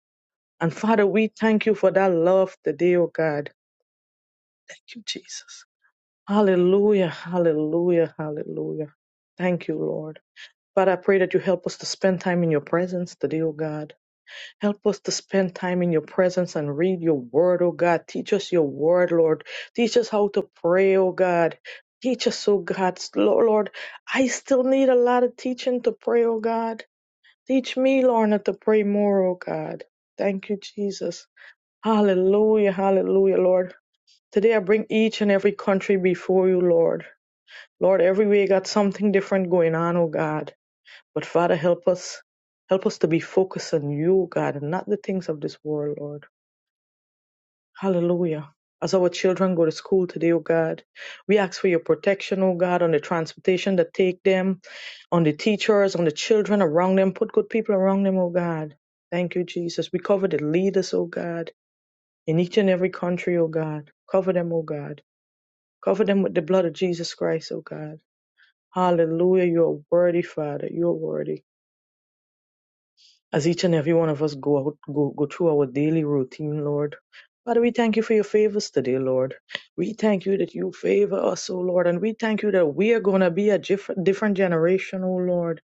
Speaker 7: And Father, we thank you for that love today, oh God. Thank you, Jesus. Hallelujah, hallelujah, hallelujah. Thank you, Lord. Father, I pray that you help us to spend time in your presence today, oh God. Help us to spend time in your presence and read your word, oh God. Teach us your word, Lord. Teach us how to pray, oh God. Teach us, oh God. Lord, Lord, I still need a lot of teaching to pray, oh God. Teach me, Lorna, to pray more, oh God. Thank you, Jesus. Hallelujah, hallelujah, Lord. Today I bring each and every country before you, Lord. Lord, everywhere you got something different going on, oh God. But Father, help us. Help us to be focused on you, God, and not the things of this world, Lord. Hallelujah. As our children go to school today, O God, we ask for your protection, O God, on the transportation that take them, on the teachers, on the children around them. Put good people around them, O God. Thank you, Jesus. We cover the leaders, O God, in each and every country, O God. Cover them, O God. Cover them with the blood of Jesus Christ, O God. Hallelujah. You are worthy, Father. You are worthy. as each and every one of us go out, go, go through our daily routine, Lord. Father, we thank you for your favors today, Lord. We thank you that you favor us, O Lord, and we thank you that we are going to be a diff- different generation, O Lord.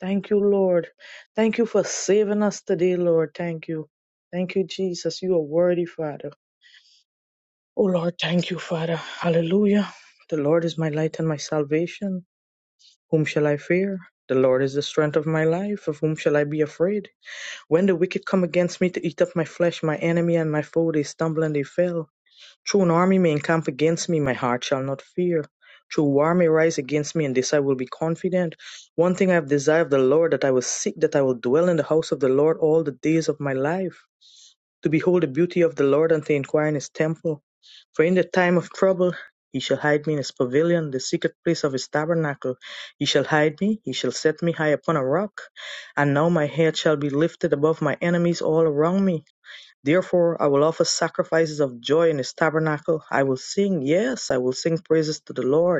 Speaker 7: Thank you, Lord. Thank you for saving us today, Lord. Thank you. Thank you, Jesus. You are worthy, Father. O Lord, thank you, Father. Hallelujah. The Lord is my light and my salvation. Whom shall I fear? The Lord is the strength of my life. Of whom shall I be afraid? When the wicked come against me to eat up my flesh, my enemy and my foe, they stumble and they fell. Though an army may encamp against me, my heart shall not fear. Though war may rise against me, in this I will be confident. One thing I have desired of the Lord, that I will seek, that I will dwell in the house of the Lord all the days of my life to behold the beauty of the Lord and to inquire in his temple. For in the time of trouble he shall hide me in his pavilion, the secret place of his tabernacle. He shall hide me, he shall set me high upon a rock. And now my head shall be lifted above my enemies all around me. Therefore I will offer sacrifices of joy in his tabernacle. I will sing, yes, I will sing praises to the Lord.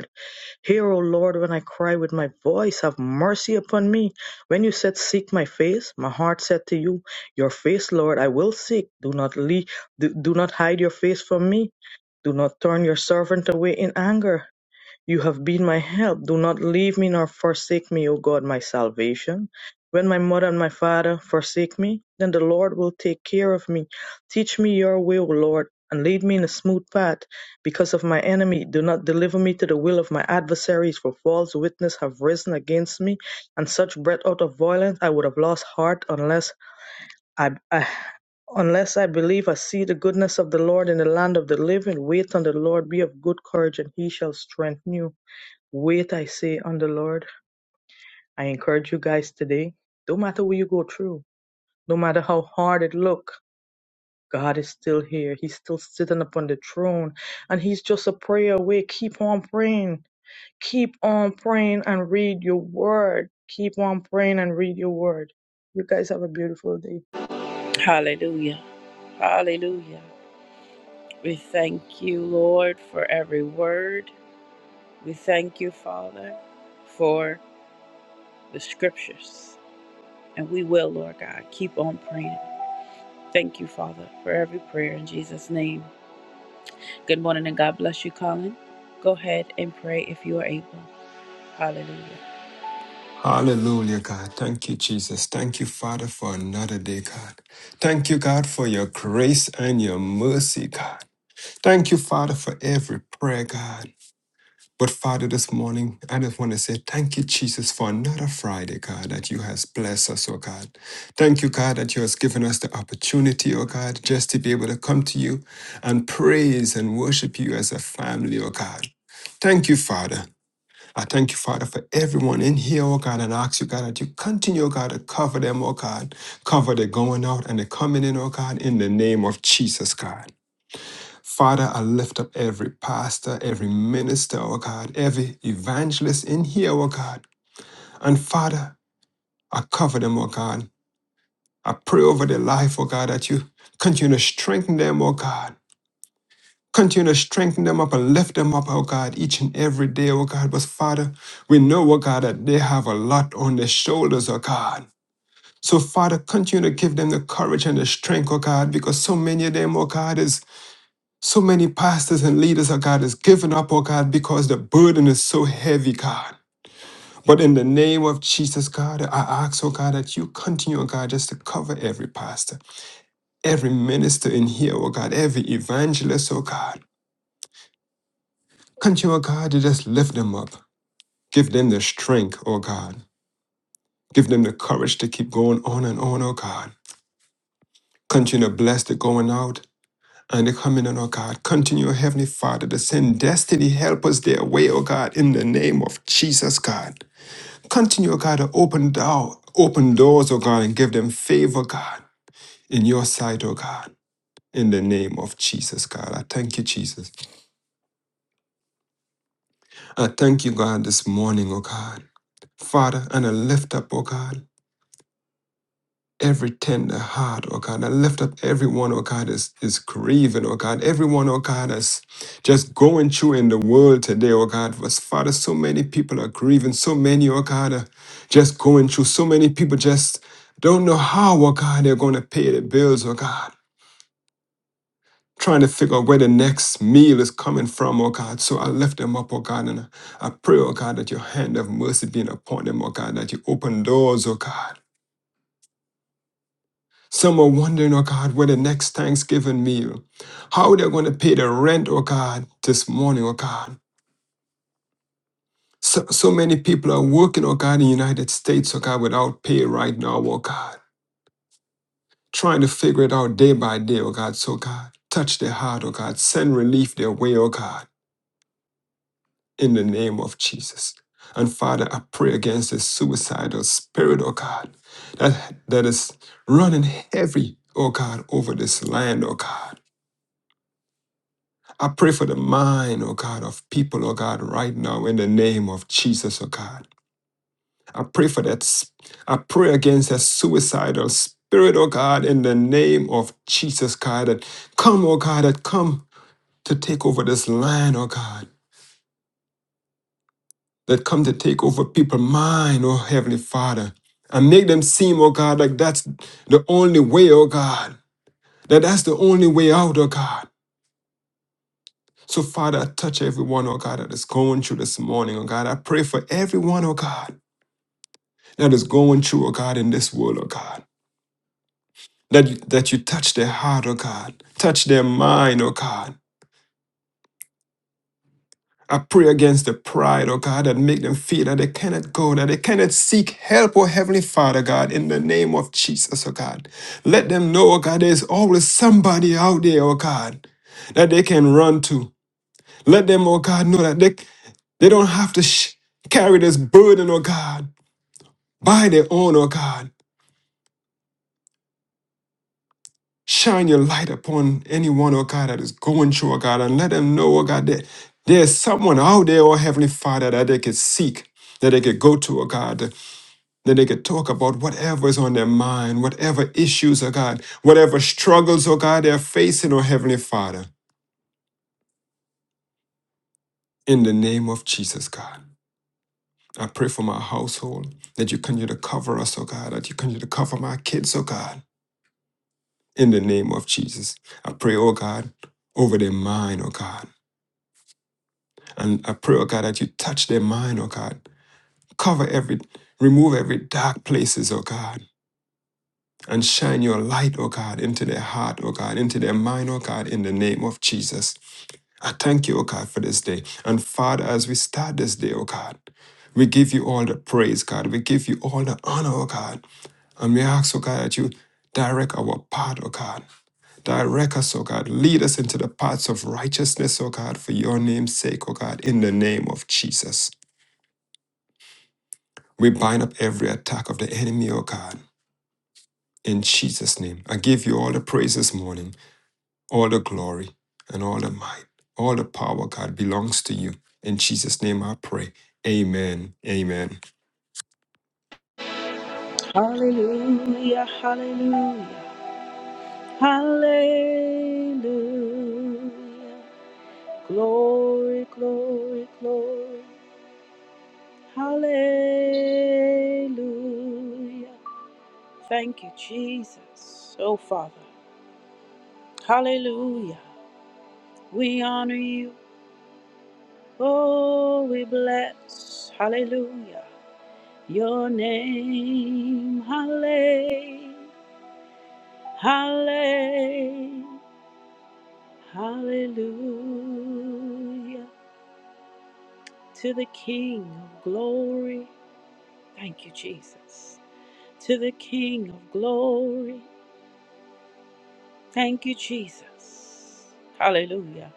Speaker 7: Hear, O Lord, when I cry with my voice, have mercy upon me. When you said, Seek my face, my heart said to you, Your face, Lord, I will seek. Do not, leave, do, do not hide your face from me. Do not turn your servant away in anger. You have been my help. Do not leave me nor forsake me, O God, my salvation. When my mother and my father forsake me, then the Lord will take care of me. Teach me your way, O Lord, and lead me in a smooth path because of my enemy. Do not deliver me to the will of my adversaries, for false witness have risen against me, and such breath out of violence I would have lost heart unless I, I unless I believe I see the goodness of the Lord in the land of the living. Wait on the Lord, be of good courage, and he shall strengthen you. Wait, I say, on the Lord. I encourage you guys today. Don't matter what you go through, no matter how hard it look, God is still here. He's still sitting upon the throne, and He's just a prayer away. Keep on praying. Keep on praying and read your word. Keep on praying and read your word. You guys have a beautiful day.
Speaker 1: Hallelujah. Hallelujah. We thank you, Lord, for every word. We thank you, Father, for the scriptures. And we will, Lord God, keep on praying. Thank you, Father, for every prayer in Jesus' name. Good morning and God bless you, Colin. Go ahead and pray if you are able. Hallelujah.
Speaker 8: Hallelujah, God. Thank you, Jesus. Thank you, Father, for another day, God. Thank you, God, for your grace and your mercy, God. Thank you, Father, for every prayer, God. But Father, this morning, I just want to say thank you, Jesus, for another Friday, God, that you has blessed us, oh God. Thank you, God, that you has given us the opportunity, oh God, just to be able to come to you and praise and worship you as a family, oh God. Thank you, Father. I thank you, Father, for everyone in here, oh God, and I ask you, God, that you continue, oh God, to cover them, oh God, cover the going out and the coming in, oh God, in the name of Jesus, God. Father, I lift up every pastor, every minister, oh God, every evangelist in here, oh God. And Father, I cover them, oh God. I pray over their life, oh God, that you continue to strengthen them, oh God. Continue to strengthen them up and lift them up, oh God, each and every day, oh God. But Father, we know, oh God, that they have a lot on their shoulders, oh God. So, Father, continue to give them the courage and the strength, oh God, because so many of them, oh God, is so many pastors and leaders, oh God, is giving up, oh God, because the burden is so heavy, God. But in the name of Jesus, God, I ask, oh God, that you continue, oh God, just to cover every pastor, every minister in here, oh God, every evangelist, oh God. Continue, oh God, to just lift them up. Give them the strength, oh God. Give them the courage to keep going on and on, oh God. Continue to bless the going out and the coming in, oh God. Continue, Heavenly Father, to send destiny. Help us their way, oh God, in the name of Jesus, God. Continue, oh God, to open door, open doors, oh God, and give them favor, God, in your sight, oh God. In the name of Jesus, God. I thank you, Jesus. I thank you, God, this morning, oh God. Father, and I lift up, oh God. every tender heart, oh God. I lift up everyone, oh God, is is grieving, oh God. Everyone, oh God, is just going through in the world today, oh God. Was Father, so many people are grieving, so many, oh God, are just going through. So many people just don't know how, oh God, they're gonna pay their bills, oh God. Trying to figure out where the next meal is coming from, oh God. So I lift them up, oh God, and I I pray, oh God, that your hand of mercy be upon them, oh God, that you open doors, oh God Some are wondering, oh God, where the next Thanksgiving meal, how they're going to pay the rent, oh God, this morning, oh God. So, so many people are working, oh God, in the United States, oh God, without pay right now, oh God, trying to figure it out day by day, oh God. So, God, touch their heart, oh God, send relief their way, oh God, in the name of Jesus. And Father, I pray against this suicidal spirit, oh God, that, that is running heavy, oh God, over this land, oh God. I pray for the mind, oh God, of people, oh God, right now in the name of Jesus, oh God. I pray for that. s- I pray against that suicidal spirit, oh God, in the name of Jesus, God, that come, oh God, that come to take over this land, oh God, that come to take over people's mind, oh Heavenly Father, and make them seem, oh God, like that's the only way, oh God, that that's the only way out, oh God. So, Father, I touch everyone, oh God, that is going through this morning, oh God. I pray for everyone, oh God, that is going through, oh God, in this world, oh God. That you, that you touch their heart, oh God. Touch their mind, oh God. I pray against the pride, oh God, that make them feel that they cannot go, that they cannot seek help, oh Heavenly Father, God, in the name of Jesus, oh God. Let them know, oh God, there's always somebody out there, oh God, that they can run to. Let them, oh God, know that they, they don't have to sh- carry this burden, oh God, by their own, oh God. Shine your light upon anyone, oh God, that is going through, oh God, and let them know, oh God, that there's someone out there, oh Heavenly Father, that they could seek, that they could go to, oh God, that they could talk about whatever is on their mind, whatever issues, oh God, whatever struggles, oh God, they're facing, oh Heavenly Father, in the name of Jesus, God. I pray for my household that you continue to cover us, oh God, that you continue to cover my kids, oh God, in the name of Jesus. I pray, oh God, over their mind, oh God. And I pray, oh God, that you touch their mind, oh God. Cover every, remove every dark places, oh God. And shine your light, oh God, into their heart, oh God, into their mind, oh God, in the name of Jesus. I thank you, oh God, for this day. And Father, as we start this day, oh God, we give you all the praise, God. We give you all the honor, oh God. And we ask, oh God, that you direct our path, oh God. Direct us, oh God. Lead us into the paths of righteousness, oh God, for your name's sake, oh God, in the name of Jesus. We bind up every attack of the enemy, oh God, in Jesus' name. I give you all the praise this morning, all the glory, and all the might, all the power, God, belongs to you. In Jesus' name I pray. Amen. Amen.
Speaker 1: Hallelujah, hallelujah, hallelujah. Glory, glory, glory. Hallelujah. Thank you, Jesus. Oh, Father. Hallelujah. We honor you. Oh, we bless. Hallelujah. Your name. Hallelujah. Hallelujah. Hallelujah to the King of glory. Thank you, Jesus. To the King of glory. Thank you, Jesus. Hallelujah.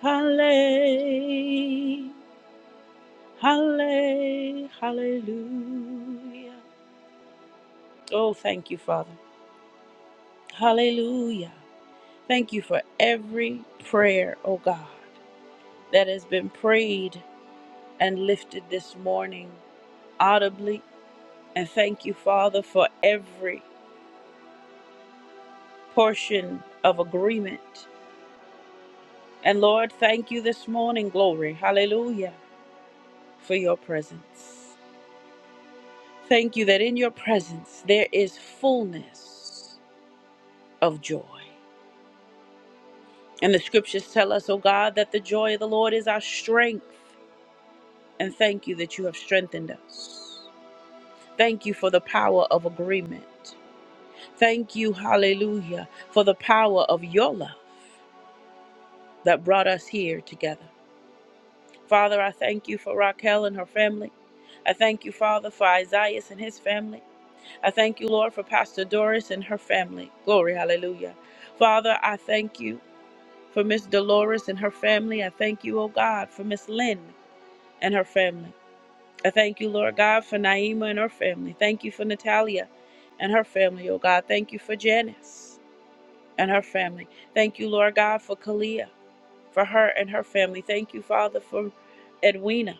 Speaker 1: Hallelujah. Hallelujah. Hallelujah. Oh, thank you, Father. Hallelujah. Thank you for every prayer, oh God, that has been prayed and lifted this morning audibly And thank you, Father, for every portion of agreement. And Lord, thank you this morning, glory, hallelujah, for your presence. Thank you that in your presence there is fullness of joy. And the scriptures tell us, O God, that the joy of the Lord is our strength. And thank you that you have strengthened us. Thank you for the power of agreement. Thank you, hallelujah, for the power of your love that brought us here together. Father, I thank you for Raquel and her family. I thank you, Father, for Isaiah and his family. I thank you, Lord, for Pastor Doris and her family. Glory, hallelujah. Father, I thank you for Miss Dolores and her family. I thank you, oh God, for Miss Lynn and her family. I thank you, Lord God, for Naima and her family. Thank you for Natalia and her family, oh God. Thank you for Janice and her family. Thank you, Lord God, for Kalia, for her and her family. Thank you, Father, for Edwina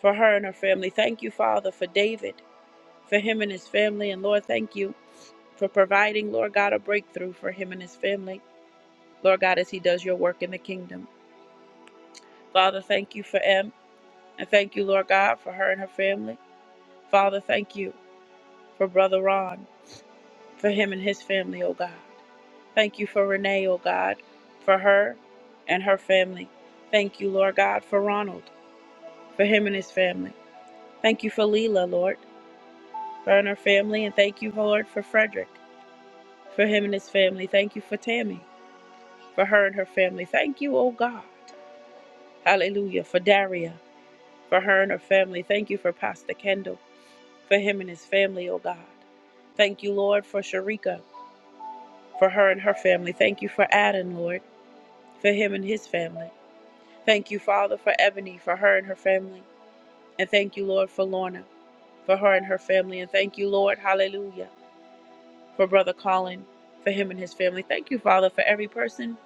Speaker 1: for her and her family. Thank you, Father, for David, for him and his family. And Lord, thank you for providing, Lord God, a breakthrough for him and his family. Lord God, as he does your work in the kingdom. Father, thank you for Em. And thank you, Lord God, for her and her family. Father, thank you for Brother Ron, for him and his family, oh God. Thank you for Renee, oh God, for her and her family. Thank you, Lord God, for Ronald, for him and his family. Thank you for Leela, Lord, for her and her family. And thank you, Lord, for Frederick. for him and his family. Thank you for Tammy, for her and her family. Thank you, oh God. Hallelujah. For Daria, for her and her family. Thank you for Pastor Kendall, for him and his family, oh God. Thank you, Lord, for Sharika, for her and her family. Thank you for Adam, Lord, for him and his family. Thank you, Father, for Ebony, for her and her family. And thank you, Lord, for Lorna, for her and her family. And thank you, Lord, hallelujah, for Brother Colin, for him and his family. Thank you, Father, for every person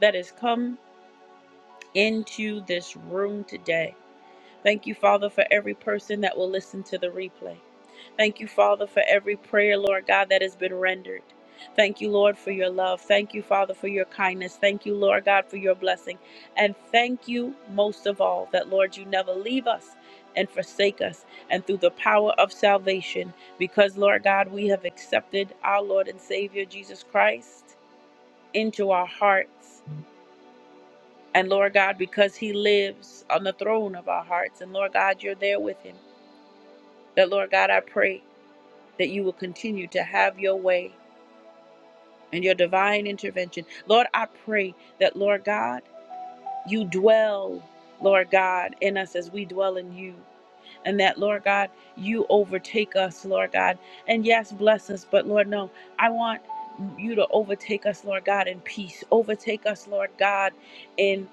Speaker 1: that has come into this room today. Thank you, Father, for every person that will listen to the replay. Thank you, Father, for every prayer, Lord God, that has been rendered. Thank you, Lord, for your love. Thank you, Father, for your kindness. Thank you, Lord God, for your blessing. And thank you most of all that, Lord, you never leave us and forsake us. And through the power of salvation, because, Lord God, we have accepted our Lord and Savior Jesus Christ into our hearts. And Lord God, because He lives on the throne of our hearts, and Lord God, you're there with Him, that Lord God, I pray that you will continue to have your way and your divine intervention. Lord, I pray that, Lord God, you dwell, Lord God, in us as we dwell in you. And that, Lord God, you overtake us, Lord God. And yes, bless us, but Lord, no, I want you to overtake us, Lord God, in peace. Overtake us, Lord God, in.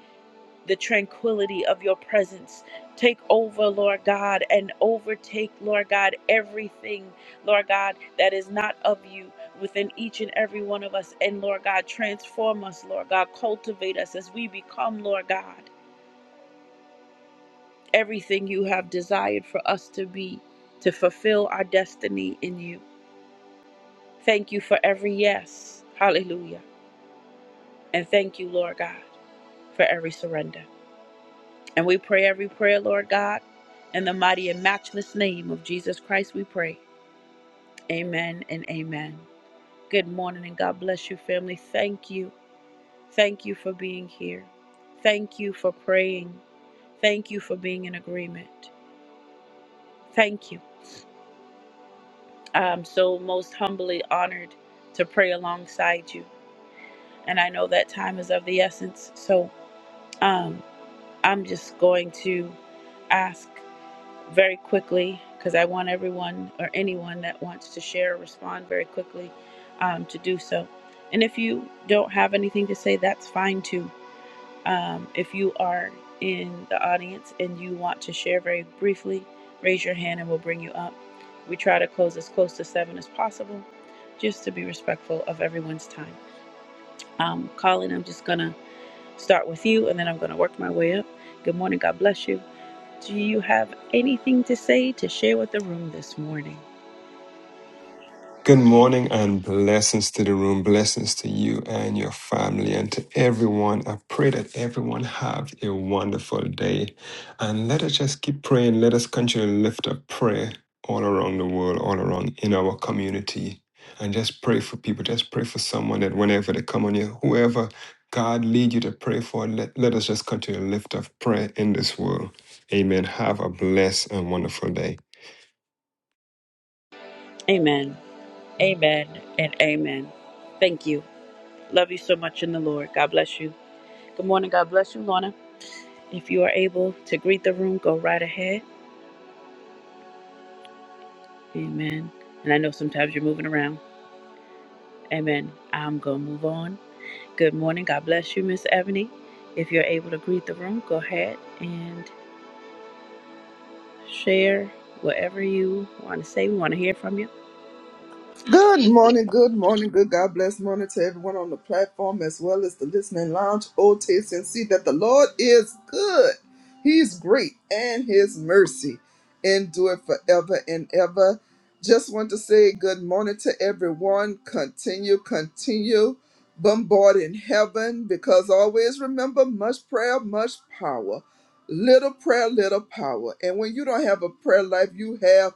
Speaker 1: the tranquility of your presence. Take over, Lord God, and overtake, Lord God, everything, Lord God, that is not of you within each and every one of us. And Lord God, transform us, Lord God, cultivate us as we become, Lord God, everything you have desired for us to be, to fulfill our destiny in you. Thank you for every yes. Hallelujah. And thank you, Lord God, for every surrender. And we pray every prayer, Lord God, in the mighty and matchless name of Jesus Christ, we pray. Amen and amen. Good morning and God bless you, family. Thank you. Thank you for being here. Thank you for praying. Thank you for being in agreement. Thank you. I'm so most humbly honored to pray alongside you. And I know that time is of the essence. So um, I'm just going to ask. very quickly because I want everyone or anyone that wants to share or respond very quickly um, to do so. And if you don't have anything to say, that's fine too. Um, if you are in the audience and you want to share very briefly, raise your hand and we'll bring you up. We try to close as close to seven as possible just to be respectful of everyone's time. Um, Colin, I'm just going to start with you and then I'm going to work my way up. Good morning. God bless you. Do you have anything to say to share with the room this morning?
Speaker 8: Good morning and blessings to the room, blessings to you and your family and to everyone. I pray that everyone have a wonderful day and let us just keep praying. Let us continue to lift up prayer all around the world, all around in our community and just pray for people. Just pray for someone that whenever they come on you, whoever God lead you to pray for, let, let us just continue to lift up prayer in this world. Amen. Have a blessed and wonderful day.
Speaker 1: Amen. Amen. And amen. Thank you. Love you so much in the Lord. God bless you. Good morning. God bless you, Lorna. If you are able to greet the room, go right ahead. Amen. And I know sometimes you're moving around. Amen. I'm going to move on. Good morning. God bless you, Miss Ebony. If you're able to greet the room, go ahead. and. share whatever you want to say. We want to hear from you.
Speaker 3: Good morning, good morning, good God bless morning to everyone on the platform as well as the listening lounge. Oh, taste and see that the Lord is good. He's great and his mercy endure forever and ever. Just want to say good morning to everyone. Continue, continue bombarding heaven because always remember much prayer, much power. Little prayer, little power. And when you don't have a prayer life, you have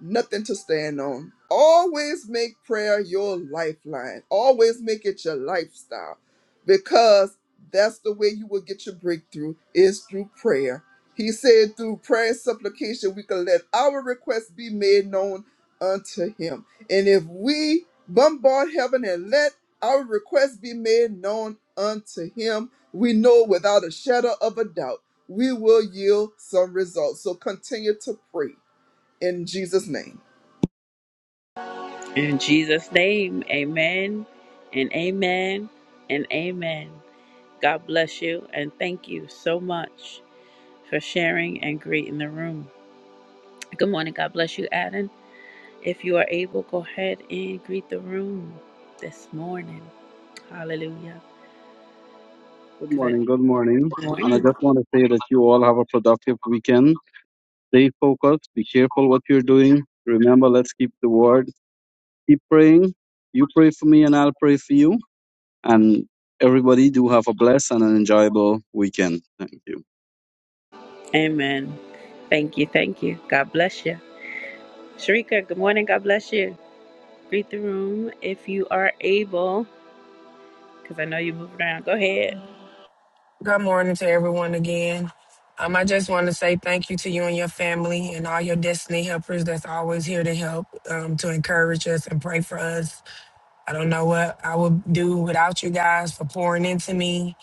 Speaker 3: nothing to stand on. Always make prayer your lifeline. Always make it your lifestyle because that's the way you will get your breakthrough is through prayer. He said through prayer and supplication we can let our requests be made known unto him. And if we bombard heaven and let our requests be made known unto him, we know without a shadow of a doubt we will yield some results. So continue to pray in Jesus' name.
Speaker 1: In Jesus' name, amen and amen and amen. God bless you and thank you so much for sharing and greeting the room. Good morning. God bless you, Adam. If you are able, go ahead and greet the room this morning. Hallelujah.
Speaker 2: Good
Speaker 1: 'Cause I,
Speaker 2: morning.
Speaker 1: good
Speaker 2: Good morning. And I
Speaker 1: morning.
Speaker 2: just want to say that you all have a productive weekend. Stay focused. Be careful what you're doing. Remember, let's keep the word. keep praying. You pray for me, and I'll pray for you. And everybody do have a blessed and an enjoyable weekend. Thank you.
Speaker 1: Amen. Thank you. Thank you. God bless you. Sharika, good morning. God bless you. Greet the room if you are able, because I know you're moving around. Go ahead.
Speaker 4: Good morning to everyone again. Um, I just want to say thank you to you and your family and all your destiny helpers that's always here to help, um, to encourage us and pray for us. I don't know what I would do without you guys for pouring into me.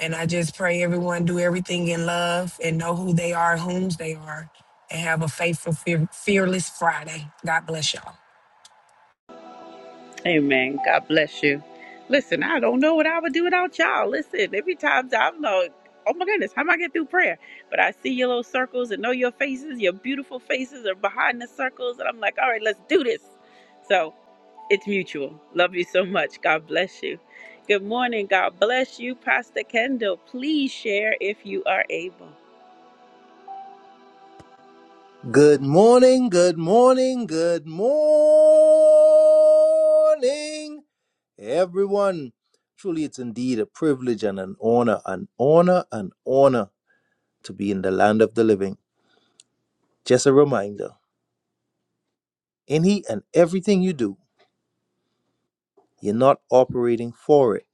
Speaker 4: And I just pray everyone do everything in love and know who they are, whom's they are, and have a faithful, fear, fearless Friday. God bless y'all.
Speaker 1: Amen. God bless you. Listen, I don't know what I would do without y'all. Listen, every time I'm like, oh my goodness, how am I get through prayer? But I see your little circles and know your faces. Your beautiful faces are behind the circles, and I'm like, all right, let's do this. So it's mutual. Love you so much. God bless you. Good morning. God bless you, Pastor Kendall. Please share if you are able.
Speaker 5: Good morning, good morning, good morning, everyone. Truly, it's indeed a privilege and an honor, an honor, an honor to be in the land of the living. Just a reminder. Any and everything you do, you're not operating for it,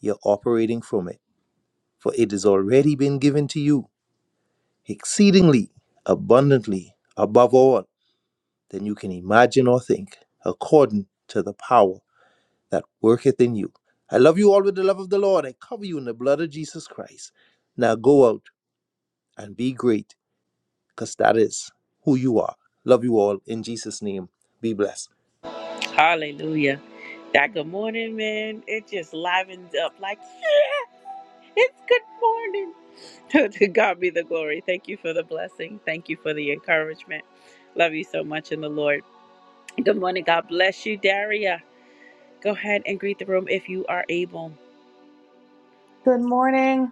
Speaker 5: you're operating from it. For it has already been given to you exceedingly, abundantly, above all than you can imagine or think, according to the power that worketh in you. I love you all with the love of the Lord. I cover you in the blood of Jesus Christ. Now go out and be great, because that is who you are. Love you all in Jesus' name. Be blessed.
Speaker 1: Hallelujah. That good morning, man. It just livens up like, yeah, it's good morning. [laughs] to God be the glory. Thank you for the blessing. Thank you for the encouragement. Love you so much in the Lord. Good morning. God bless you, Daria. Go ahead and greet the room if you are able.
Speaker 6: Good morning.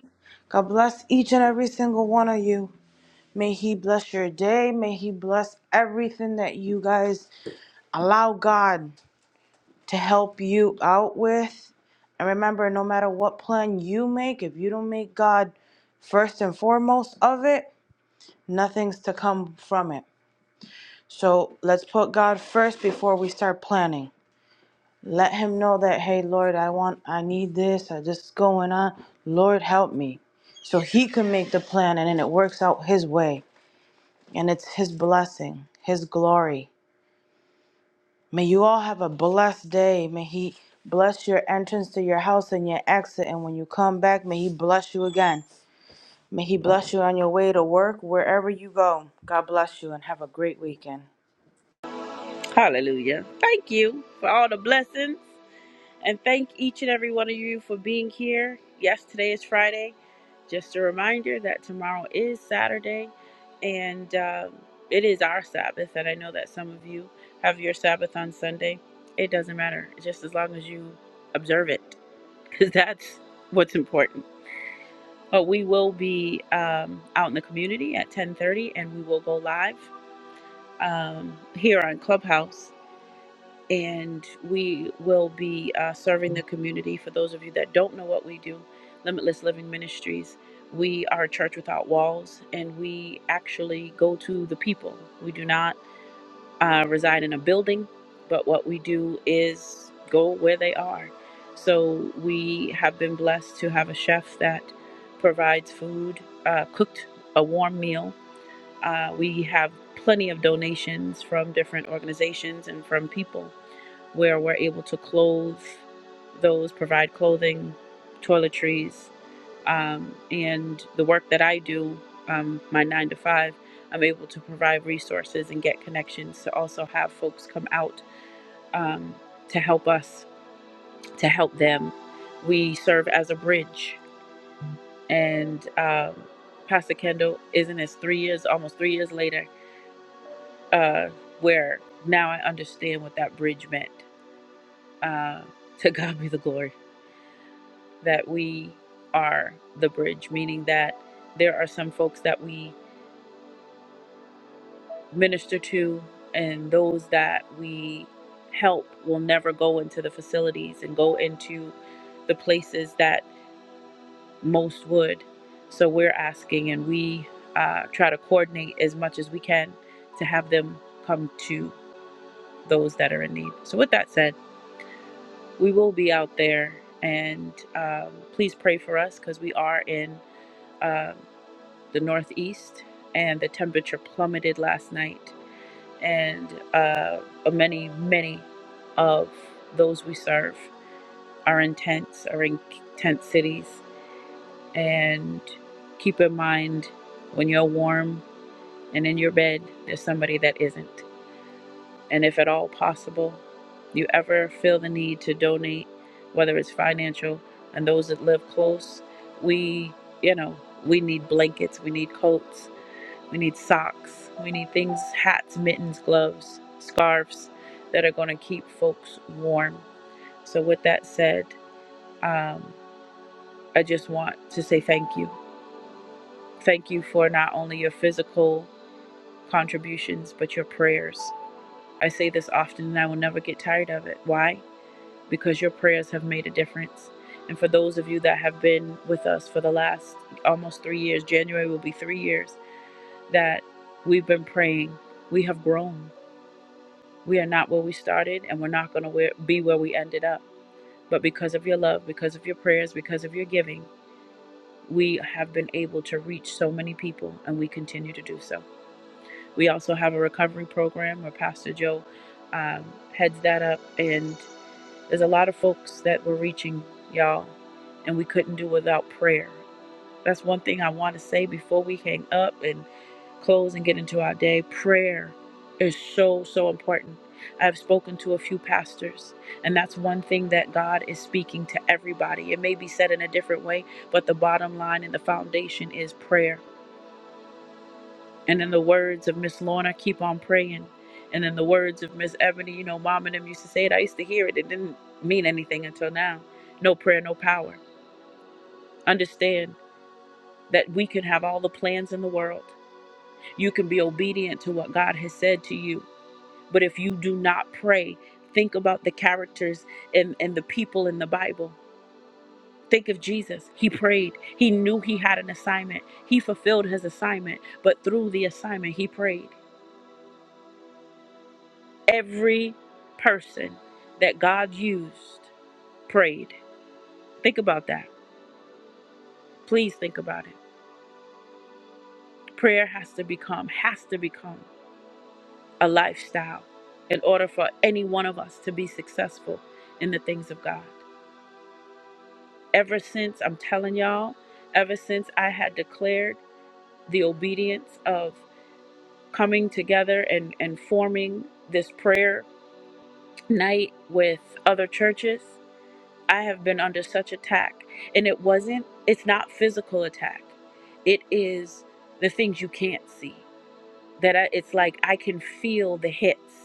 Speaker 6: God bless each and every single one of you. May He bless your day. May He bless everything that you guys allow God to help you out with. And remember, no matter what plan you make, if you don't make God first and foremost of it, nothing's to come from it. So let's put God first before we start planning. Let Him know that, hey, Lord, I want, I need this, I just going on. Lord, help me. So He can make the plan and then it works out His way. And it's His blessing, His glory. May you all have a blessed day. May He bless your entrance to your house and your exit. And when you come back, may He bless you again. May He bless you on your way to work, wherever you go. God bless you and have a great weekend.
Speaker 1: Hallelujah. Thank you for all the blessings. And thank each and every one of you for being here. Yes, today is Friday. Just a reminder that tomorrow is Saturday. And um it is our Sabbath. And I know that some of you have your Sabbath on Sunday. It doesn't matter, just as long as you observe it, because [laughs] that's what's important. but we will be um, out in the community at 10:30, and we will go live um, here on Clubhouse, and we will be uh, serving the community. For those of you that don't know what we do, Limitless Living Ministries, we are a church without walls, and we actually go to the people. We do not uh, reside in a building, but what we do is go where they are. So we have been blessed to have a chef that provides food, uh, cooked a warm meal. Uh, we have plenty of donations from different organizations and from people where we're able to clothe those, provide clothing, toiletries um, and the work that I do, um, my nine to five, I'm able to provide resources and get connections to also have folks come out um, to help us, to help them. We serve as a bridge. And um, Pastor Kendall, isn't it three years, almost three years later, uh, where now I understand what that bridge meant. Uh, to [laughs] God be the glory that we are the bridge, meaning that there are some folks that we minister to and those that we help will never go into the facilities and go into the places that most would so we're asking and we uh, try to coordinate as much as we can to have them come to those that are in need so with that said we will be out there and um, please pray for us because we are in um the northeast and the temperature plummeted last night and uh, many, many of those we serve are in tents, are in tent cities. And keep in mind when you're warm and in your bed, there's somebody that isn't. And if at all possible, you ever feel the need to donate, whether it's financial and those that live close, we, you know, we need blankets, we need coats, we need socks. We need things, hats, mittens, gloves, scarves that are going to keep folks warm. So, with that said, um, I just want to say thank you. Thank you for not only your physical contributions, but your prayers. I say this often and I will never get tired of it. Why? Because your prayers have made a difference. And for those of you that have been with us for the last almost three years, January will be three years that we've been praying, we have grown We are not where we started, and we're not going to be where we ended up. But because of your love, because of your prayers, because of your giving, we have been able to reach so many people, and we continue to do so. We also have a recovery program where Pastor Joe um, heads that up, and there's a lot of folks that we're reaching, y'all, and we couldn't do without prayer that's one thing I want to say before we hang up and close and get into our day. Prayer is so, so important. I've spoken to a few pastors, and that's one thing that God is speaking to everybody. It may be said in a different way, but the bottom line and the foundation is prayer. And in the words of Miss Lorna, keep on praying. And in the words of Miss Ebony, you know, mom and them used to say it. I used to hear it. It didn't mean anything until now. No prayer, no power. Understand that we can have all the plans in the world. You can be obedient to what God has said to you. But if you do not pray, think about the characters and, and the people in the Bible. Think of Jesus. He prayed. He knew he had an assignment. He fulfilled his assignment, but through the assignment, he prayed. Every person that God used prayed. Think about that. Please think about it. Prayer has to become, has to become a lifestyle in order for any one of us to be successful in the things of God. ever since I'm telling y'all, ever since I had declared the obedience of coming together and, and forming this prayer night with other churches, I have been under such attack. And it wasn't, it's not physical attack. It is the things you can't see. That I, it's like I can feel the hits.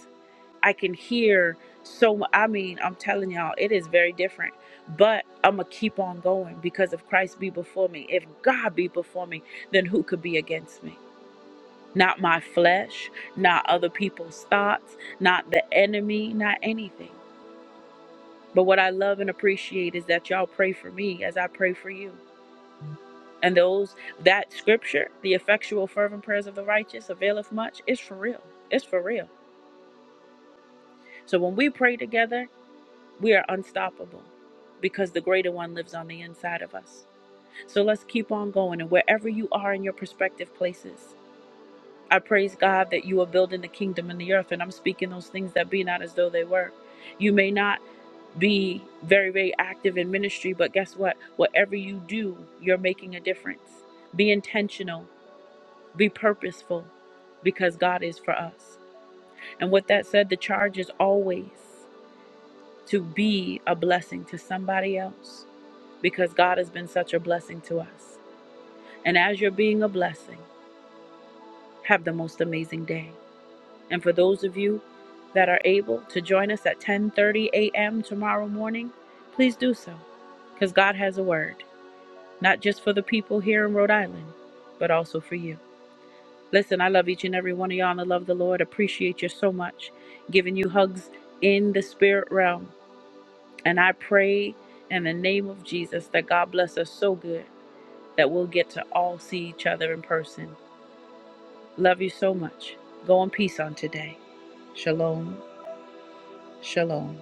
Speaker 1: I can hear so mu- I mean, I'm telling y'all, it is very different. But I'm going to keep on going because if Christ be before me, if God be before me, then who could be against me? Not my flesh, not other people's thoughts, not the enemy, not anything. But what I love and appreciate is that y'all pray for me as I pray for you. And those, that scripture, the effectual, fervent prayers of the righteous availeth much, it's for real. It's for real. So when we pray together, We are unstoppable because the greater one lives on the inside of us. So let's keep on going. And wherever you are in your prospective places, I praise God that you are building the kingdom in the earth. And I'm speaking those things that be not as though they were. You may not be very, very active in ministry, but guess what? Whatever you do, you're making a difference. Be intentional, be purposeful, because God is for us. And with that said, the charge is always to be a blessing to somebody else because God has been such a blessing to us. And as you're being a blessing, have the most amazing day. And for those of you that are able to join us at 10:30 a.m. tomorrow morning, please do so because God has a word, not just for the people here in Rhode Island, but also for you. Listen, I love each and every one of y'all and I love the Lord. Appreciate you so much. Giving you hugs in the spirit realm. And I pray in the name of Jesus that God bless us so good that we'll get to all see each other in person. Love you so much. Go in peace on today. Shalom. Shalom.